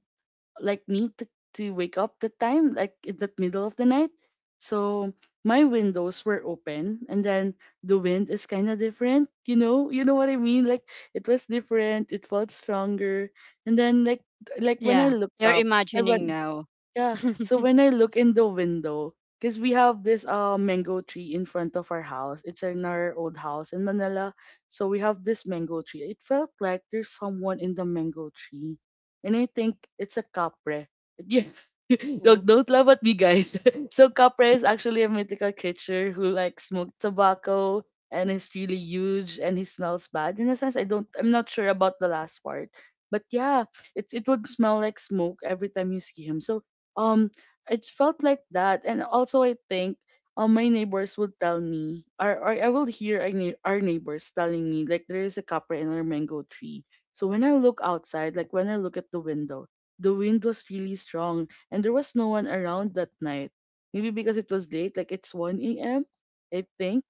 like me to wake up the time, like in the middle of the night. So my windows were open, and then the wind is kinda different, you know? You know what I mean? Like it was different, it felt stronger. And then like when I
yeah.
looked
You're
up, I
imagining
went,
now.
yeah. So when I look in the window, because we have this mango tree in front of our house. It's in our old house in Manila. So we have this mango tree. It felt like there's someone in the mango tree. And I think it's a capre. Yeah.
Mm-hmm.
Look, don't laugh at me, guys. So capre is actually a mythical creature who like smoked tobacco and is really huge, and he smells bad. In a sense, I'm not sure about the last part. But yeah, it would smell like smoke every time you see him. So um it felt like that, and also I think my neighbors would tell me, or I will hear our neighbors telling me like there is a copper and a mango tree. So when I look outside, like when I look at the window, the wind was really strong, and there was no one around that night, maybe because it was late, like it's 1 a.m, I think.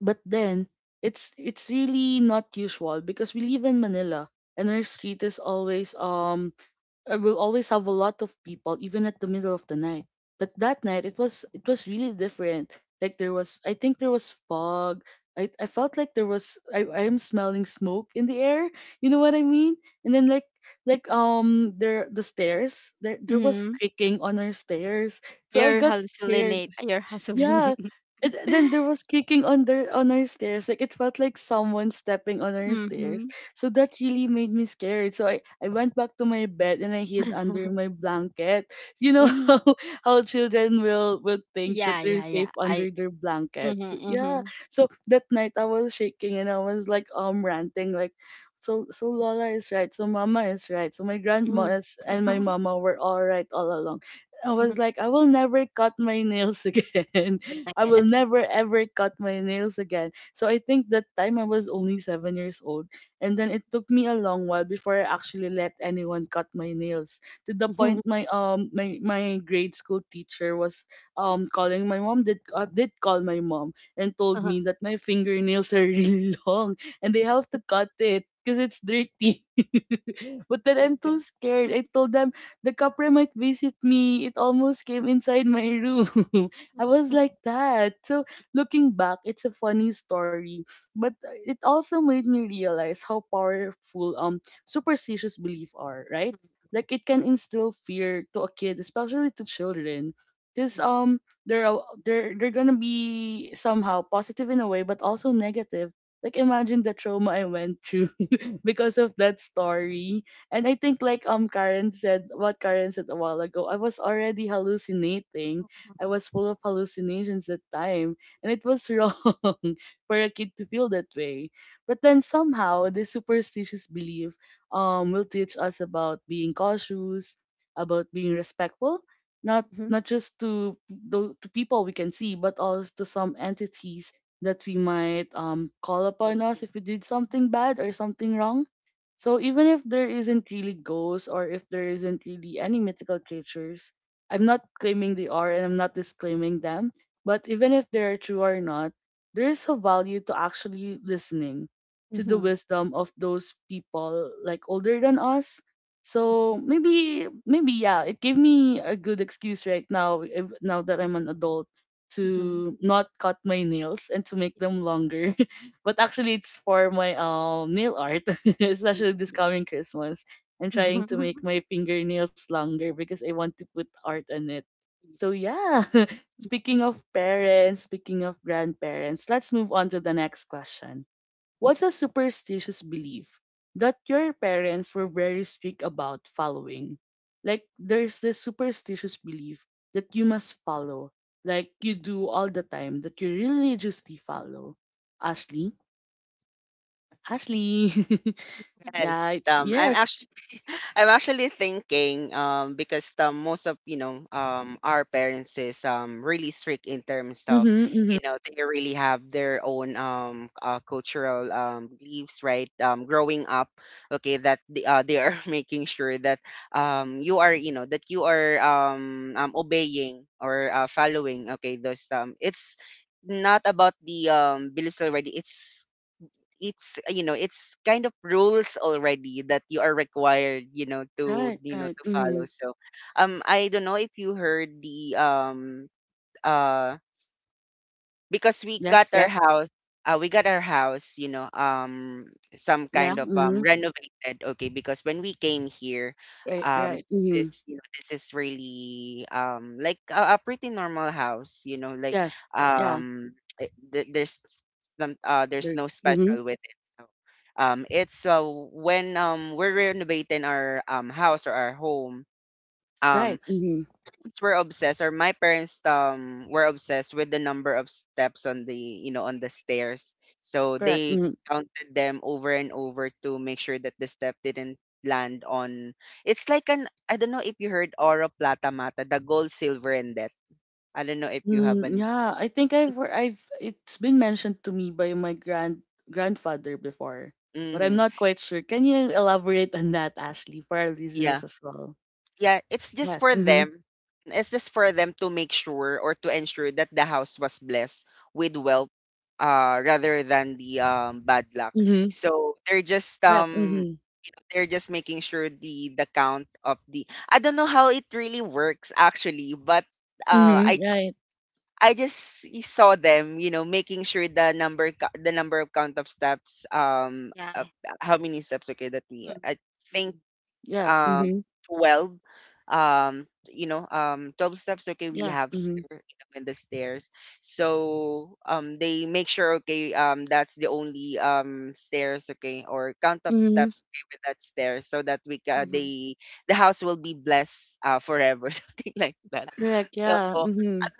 But then it's really not usual because we live in Manila, and our street is always I will always have a lot of people, even at the middle of the night. But that night, it was really different. Like there was, I think there was fog. I felt like there was. I am smelling smoke in the air. You know what I mean? And then like the stairs, there was
Mhm.
creaking on our stairs. So I
You're
got scared.
hallucinate. You're
Yeah.
hallucinating.
And then there was creaking on our stairs. Like it felt like someone stepping on our stairs.
mhm.
So that really made me scared. So I went back to my bed, and I hid
mhm.
under my blanket. You know how how children will think
Yeah,
that they're
yeah,
safe
yeah. I
under their blankets.
mhm,
Yeah.
mhm.
So that night I was shaking, and I was like ranting, like, so Lola is right. So Mama is right. So my grandma
Mm.
and my mama were all right all along. I was
Mhm.
like, I will never cut my nails again.
The
I will
second.
never ever cut my nails again. So I think that time I was only 7 years old. And then
Mhm.
it took me a long while before I actually let anyone cut my nails. To the
Mhm.
point my grade school teacher was calling my mom, did call my mom and told
Uh-huh.
me that my fingernails are really long and they have to cut it because it's dirty. But then
Way
I'm
back.
too scared. I told them the copper might visit me. It almost came inside my room. I was like that. So looking back, it's a funny story, but it also made me realize how powerful superstitious belief are, right?
Mhm.
Like it
Yeah.
can instill fear to a kid, especially to children. Cause
Mhm.
they're a- they're they're gonna be somehow positive in a way, but also negative. Like imagine the trauma I went through because of that story. And I think like Karen said what Karen said a while ago, I was already hallucinating. I was full of hallucinations that time. And it was wrong for a kid to feel that way. But then somehow this superstitious belief will teach us about being cautious, about being respectful, not
Mhm.
not just to the to people we can see, but also to some entities that we might call
I
upon us
agree.
if we did something bad or something wrong. So even if there isn't really ghosts, or if there isn't really any mythical creatures, I'm not claiming they are, and I'm not disclaiming them. But even if they are true or not, there is a value to actually listening to the
Mhm.
wisdom of those people like older than us. So
Mhm.
maybe yeah, it gave me a good excuse right now if, now that I'm an adult,
Mhm.
to not cut my nails and to make them longer. But actually, it's for my nail art,
Yeah.
especially this
Yeah.
coming Christmas. I'm trying to make
Mhm.
my fingernails longer because I want to put art on it. So yeah,
Yeah.
speaking of parents, speaking of grandparents, let's move on to the next question. What's a superstitious belief that your parents were very strict about following? Like there's this superstitious belief that you must follow, like you do
Mhm.
all the time, that you religiously follow. Ashley? Ashley. Yeah.
Yes, I'm
Yes.
actually I'm actually thinking, because most of our parents is really strict in terms of,
Mm-hmm. Mm-hmm.
they really have their own cultural beliefs, right, growing up, okay, that they are making sure that you are, that you are obeying or following, okay, those, it's not about the beliefs already, it's it's kind of rules already that you are required, to,
Right. Right.
to
Mm-hmm.
follow. So I don't know if you heard the uh because we got
Yes.
our
Yes.
house, we got our house, some
Yeah.
kind of
Mm-hmm.
renovated, okay, because when we came here,
Right. Right.
this
Mm-hmm.
is, this is really like a pretty normal house, like
Yes. Yeah.
um there's some there's
There's.
no
Mm-hmm.
special with it. So it's when we're renovating our house or our home um
Right. Mm-hmm.
parents were obsessed, or my parents were obsessed with the number of steps on the, on the stairs, so
Correct.
they
Mm-hmm.
counted them over and over to make sure that the step didn't land on, it's like an, I don't know if you heard, oro plata mata, the gold, silver, and death. I don't know if you have
Mm,
an.
yeah. I think I've hear- I've it's been mentioned to me by my grandfather before, but I'm
Hmm.
not quite sure. Can you elaborate on that, Ashley, for our
Yeah.
listeners as well?
Yeah, it's just
Yes.
for
Mm-hmm.
them. It's just for them to make sure or to ensure that the house was blessed with wealth rather than the bad luck.
Mm-hmm.
So
Correct. Mm-hmm.
they're just making sure the count of the, I don't know how it really works actually, but uh
Mm-hmm.
I just
Right.
i just saw them, you know, making sure the the number of count of steps,
Yeah.
how many steps, okay, that
Mhm.
we,
Yeah.
I think
Mhm.
Yes.
um
Mm-hmm.
12, 12 steps, okay, we
Yeah.
have
Mm-hmm.
here, you know, in the stairs. So they make sure, okay, that's the only stairs, okay, or count up
Mm-hmm.
steps, okay, with that stairs, so that
Mhm.
they, the house will be blessed, forever something like that.
Yeah. yeah.
Correct, yeah.
So
Mhm.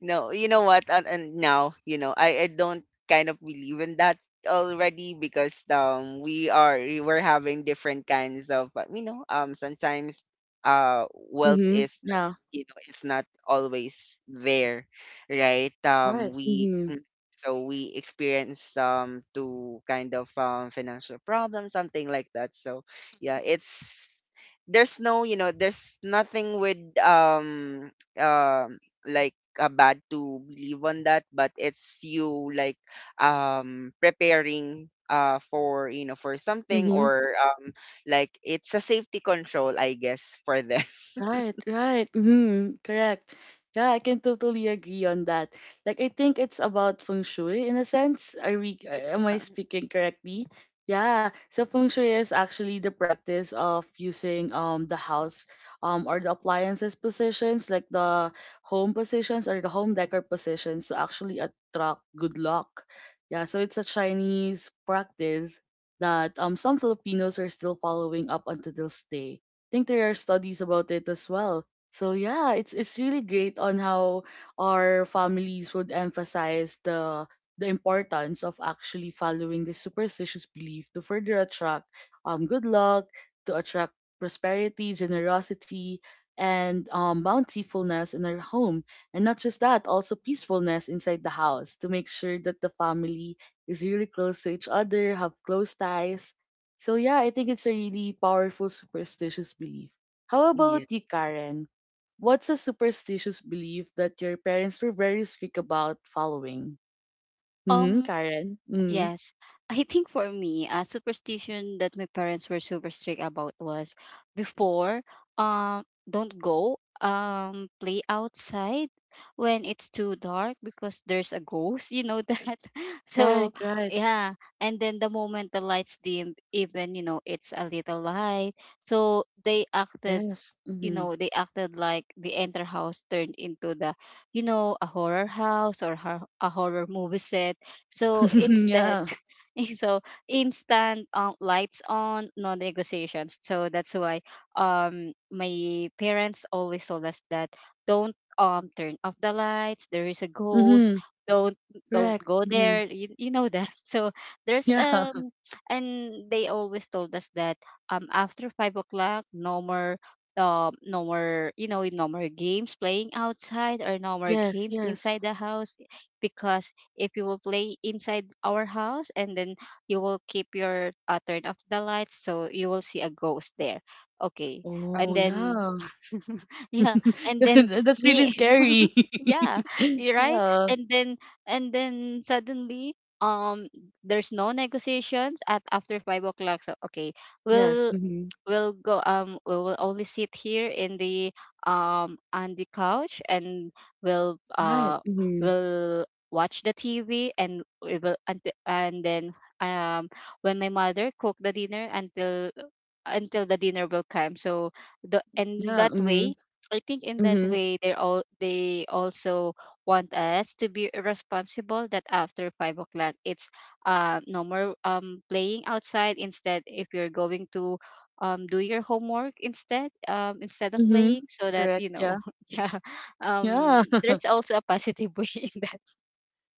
no, you know what? And now, you know, I don't kind of believe in that already, because we're having different kinds of, sometimes uh wealth
Mhm.
is,
Yeah.
you know, it's not always there, right?
Right. Mhm.
So we experience to kind of financial problems, something like that. So yeah,
Mhm.
it's, there's there's nothing with um like bad to believe on that, but it's you like preparing for, for something,
Mhm.
or like it's a safety control, I guess, for them.
Right, right. Hmm. Correct. Yeah, I can totally agree on that. Like, I think it's about feng shui in a sense. Are we? Am I
Uh,
speaking correctly? Yeah. So feng shui is actually the practice of using the house or the appliances positions, like the home positions or the home decor positions, to actually attract good luck. Yeah. So it's a Chinese practice that some Filipinos are still following up until this day. Think there are studies about it as well. So yeah, it's really great on how our families would emphasize the importance of actually following this superstitious belief to further attract good luck, to attract prosperity, generosity, and bountifulness in our home. And not just that, also peacefulness inside the house to make sure that the family is really close to each other, have close ties. So yeah, I think it's a really powerful superstitious belief. How about
yeah.
you, Karen? What's a superstitious belief that your parents were very strict about following? Hmm,
Um,
Karen. Hmm.
Yes, I think for me, a superstition that my parents were super strict about was before, um, don't go, play outside when it's too dark because there's a ghost, you know that.
Right,
So,
right.
yeah, and then the moment the lights dim, even, it's a little light, so they acted,
Yes. Hmm.
they acted like the entire house turned into the, a horror house, or a horror movie set, so instead.
Yeah.
So instant, lights on, no negotiations. So that's why, my parents always told us that, don't, turn off the lights, there is a ghost,
Hmm.
don't,
Correct.
go
Hmm.
there, you know that. So there's,
Yeah.
and they always told us that, after 5 o'clock no more, no more, no more games playing outside, or no more
Yes.
games
Yes.
inside the house, because if you will play inside our house and then you will keep your, turn off the lights, so you will see a ghost there. Okay. And
Oh
Oh,
then
yeah.
yeah, and then
That's really
me.
scary.
Yeah, you're right,
Yeah.
and then, suddenly, um there's no negotiations at after 5 o'clock. So, okay,
Yes.
we'll
Hmm.
we'll go, we will only sit here in the on the couch, and we'll
Right.
uh
Hmm.
we'll watch the TV, and we will, and then, um when my mother cook the dinner until, the dinner will come, so the and
Yeah.
that
Hmm.
way I think in that
Hmm.
way they also want us to be responsible that after 5 o'clock it's, no more playing outside, instead, if you're going to, do your homework, instead, instead of
Hmm.
playing, so that
Correct.
you know.
Yeah.
Yeah.
Yeah,
There's also a positive way in that.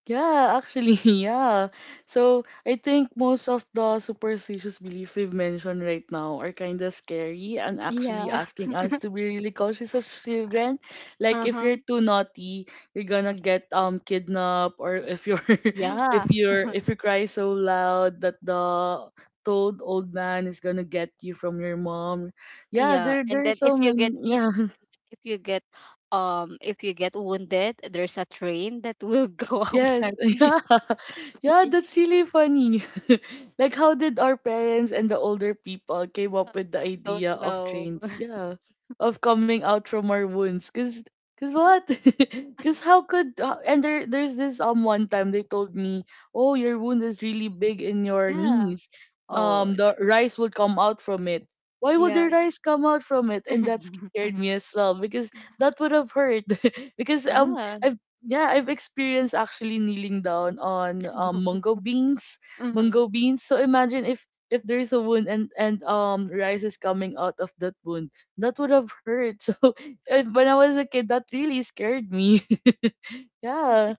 yeah, actually, yeah. So I think most of the superstitious belief we've mentioned right now are kind of scary and actually
Yeah.
asking us to be really cautious as children. Like if
Uh-huh.
you're too naughty, you're gonna get kidnapped, or if you're
Yeah.
if you cry so loud that the toad old man is gonna get you from your mom. Yeah,
Yeah.
there
And
there are
then
so
if you
many.
get,
Yeah,
if you get if you get wounded, there's a train that will go
yes,
outside on you.
yeah. Yeah,
Like,
that's really funny. Like how did our parents and the older people came
uh,
up with the
I don't
idea of
know.
trains? Yeah, of coming out from our wounds. Cause what? Cause how could? And there's this one time they told me, oh, your wound is really big in your
Yeah.
knees.
oh
The
th-
rice would come out from it. Why would
yeah.
the rice come out from it? And that scared me as well because that would have hurt. Because
Yeah.
I've yeah, I've experienced actually kneeling down on mungo beans,
Mhm.
mungo beans. So imagine if there's a wound and rice is coming out of that wound, that would have hurt. So if, when I was a kid, that really scared me. Yeah.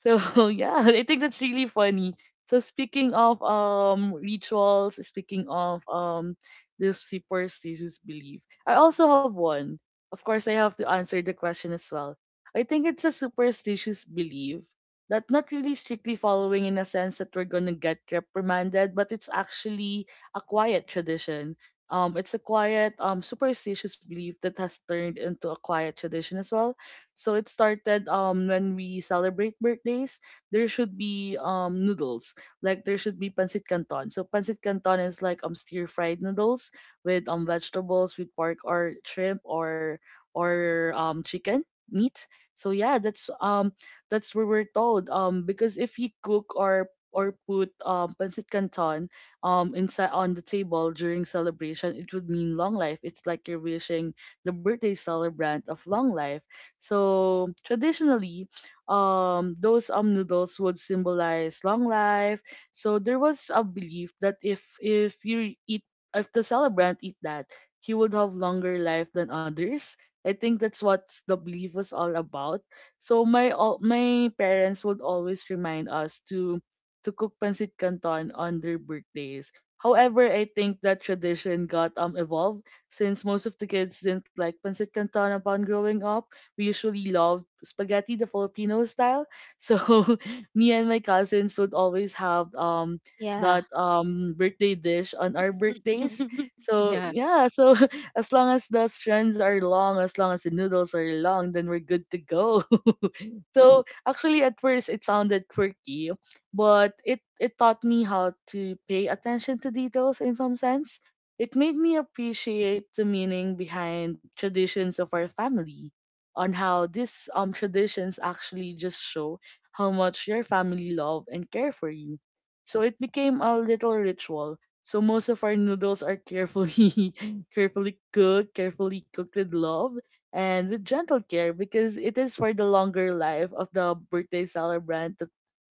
So yeah, I think that's really funny. So speaking of rituals, speaking of this superstitious belief, I also have one. Of course, I have to answer the question as well. I think it's a superstitious belief that not really strictly following in a sense that we're gonna get reprimanded, but it's actually a quiet tradition. It's a quiet superstitious belief that has turned into a quiet tradition as well, so it started when we celebrate birthdays, there should be noodles. Like there should be pancit canton. So pancit canton is like stir fried noodles with vegetables, with pork or shrimp or or chicken meat. So yeah, that's that's what we're told. Because if you cook or put pancit canton inside on the table during celebration, it would mean long life. It's like you're wishing the birthday celebrant of long life. So traditionally, those noodles would symbolize long life. So there was a belief that if you eat, if the celebrant eat that, he would have longer life than others. I think that's what the belief was all about. So my all my parents would always remind us to cook pancit canton on their birthdays. However, I think that tradition got evolved, since most of the kids didn't like pancit canton upon growing up. We usually love spaghetti, the Filipino style. So me and my cousins would always have
Yeah.
that birthday dish on our birthdays. So
Yeah.
yeah, so as long as the strands are long as the noodles are long, then we're good to go. So actually at first it sounded quirky, but it taught me how to pay attention to details in some sense. It made me appreciate the meaning behind traditions of our family, on how these traditions actually just show how much your family love and care for you. So it became a little ritual. So most of our noodles are carefully carefully cooked with love and with gentle care, because it is for the longer life of the birthday celebrant that,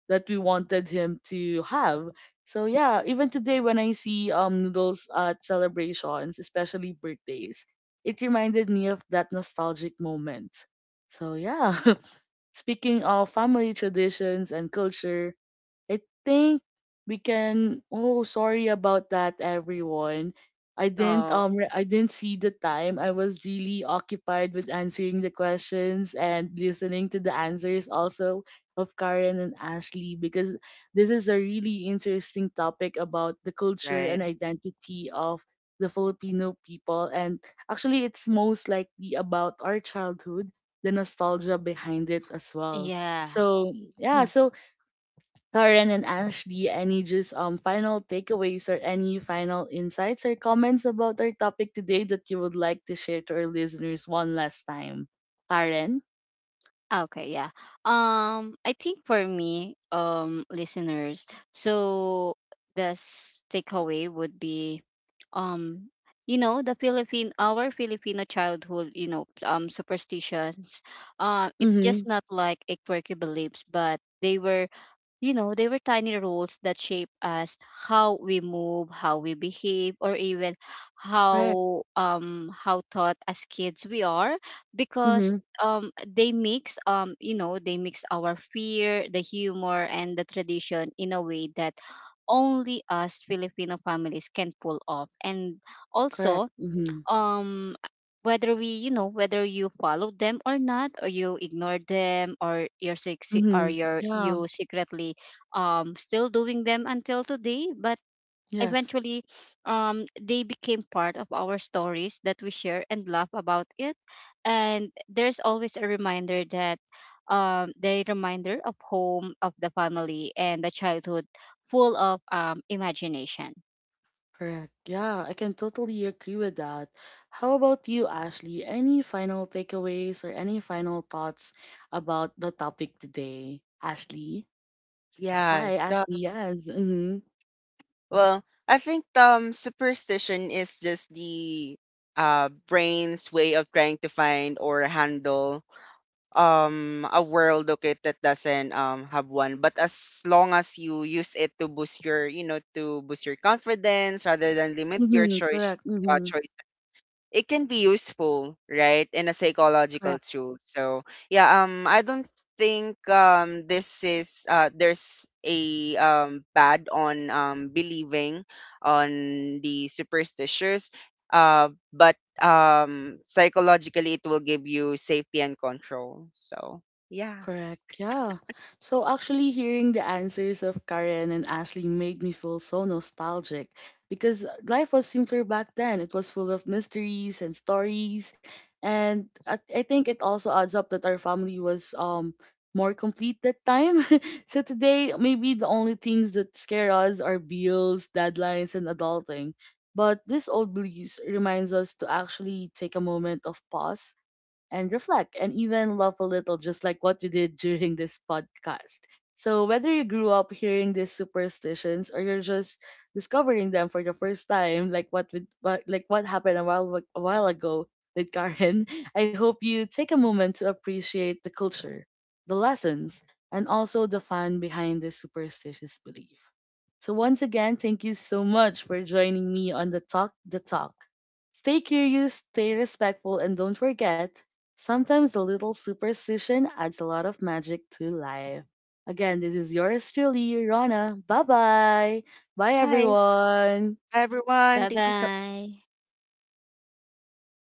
that we wanted him to have. So yeah, even today when I see noodles at celebrations, especially birthdays, it reminded me of that nostalgic moment. So yeah, speaking of family traditions and culture, I think we can. Oh, sorry about that, everyone. I didn't
no.
I didn't see the time. I was really occupied with answering the questions and listening to the answers also of Karen and Ashley, because this is a really interesting topic about the culture
Right.
and identity of the Filipino people, and actually it's most likely about our childhood, the nostalgia behind it as well.
Yeah.
So yeah, so Karen and Ashley, any just final takeaways or any final insights or comments about our topic today that you would like to share to our listeners one last time? Karen?
Okay, yeah. I think for me, listeners, so takeaway would be, um, the Philippine, our Filipino childhood, superstitions. It's
Mm-hmm.
just not like a quirky beliefs, but they were tiny rules that shape us how we move, how we behave, or even
Correct.
how taught as kids we are, because
Mm-hmm.
they mix our fear, the humor and the tradition in a way that only us Filipino families can pull off. And
Correct.
also
Mm-hmm.
um whether you follow them or not, or you ignore them, or or
Mm-hmm. Yeah.
you secretly, still doing them until today, but
Yes.
eventually, they became part of our stories that we share and laugh about it. And there's always a reminder that, the reminder of home, of the family, and the childhood full of imagination.
Correct. Yeah, I can totally agree with that. How about you, Ashley? Any final takeaways or any final thoughts about the topic today? Ashley?
Yes.
Hi,
Stuff.
Ashley. Yes. Mm-hmm.
Well, I think superstition is just the brain's way of trying to find or handle a world, okay, that doesn't have one, but as long as you use it to boost your, to boost your confidence rather than limit your
Mm-hmm. Correct. Mm-hmm.
choices, it can be useful, right, in a
Correct,
psychological tool. So yeah, I don't think this is there's a bad on believing on the superstitious, but psychologically it will give you safety and control. So yeah,
correct. Yeah. So actually hearing the answers of Karen and Ashley made me feel so nostalgic, because life was simpler back then. It was full of mysteries and stories, and I think it also adds up that our family was more complete that time. So today maybe the only things that scare us are bills, deadlines and adulting. But this old blues reminds us to actually take a moment of pause and reflect and even laugh a little, just like what you did during this podcast. So, whether you grew up hearing these superstitions or you're just discovering them for the first time, like like what happened a while ago with Karen, I hope you take a moment to appreciate the culture, the lessons, and also the fun behind this superstitious belief. So once again, thank you so much for joining me on the Talk the Talk. Stay curious, stay respectful, and don't forget, sometimes a little superstition adds a lot of magic to life. Again, this is yours truly, Rana. Bye bye. Bye,
hi
everyone.
everyone,
Bye
thank you so
bye.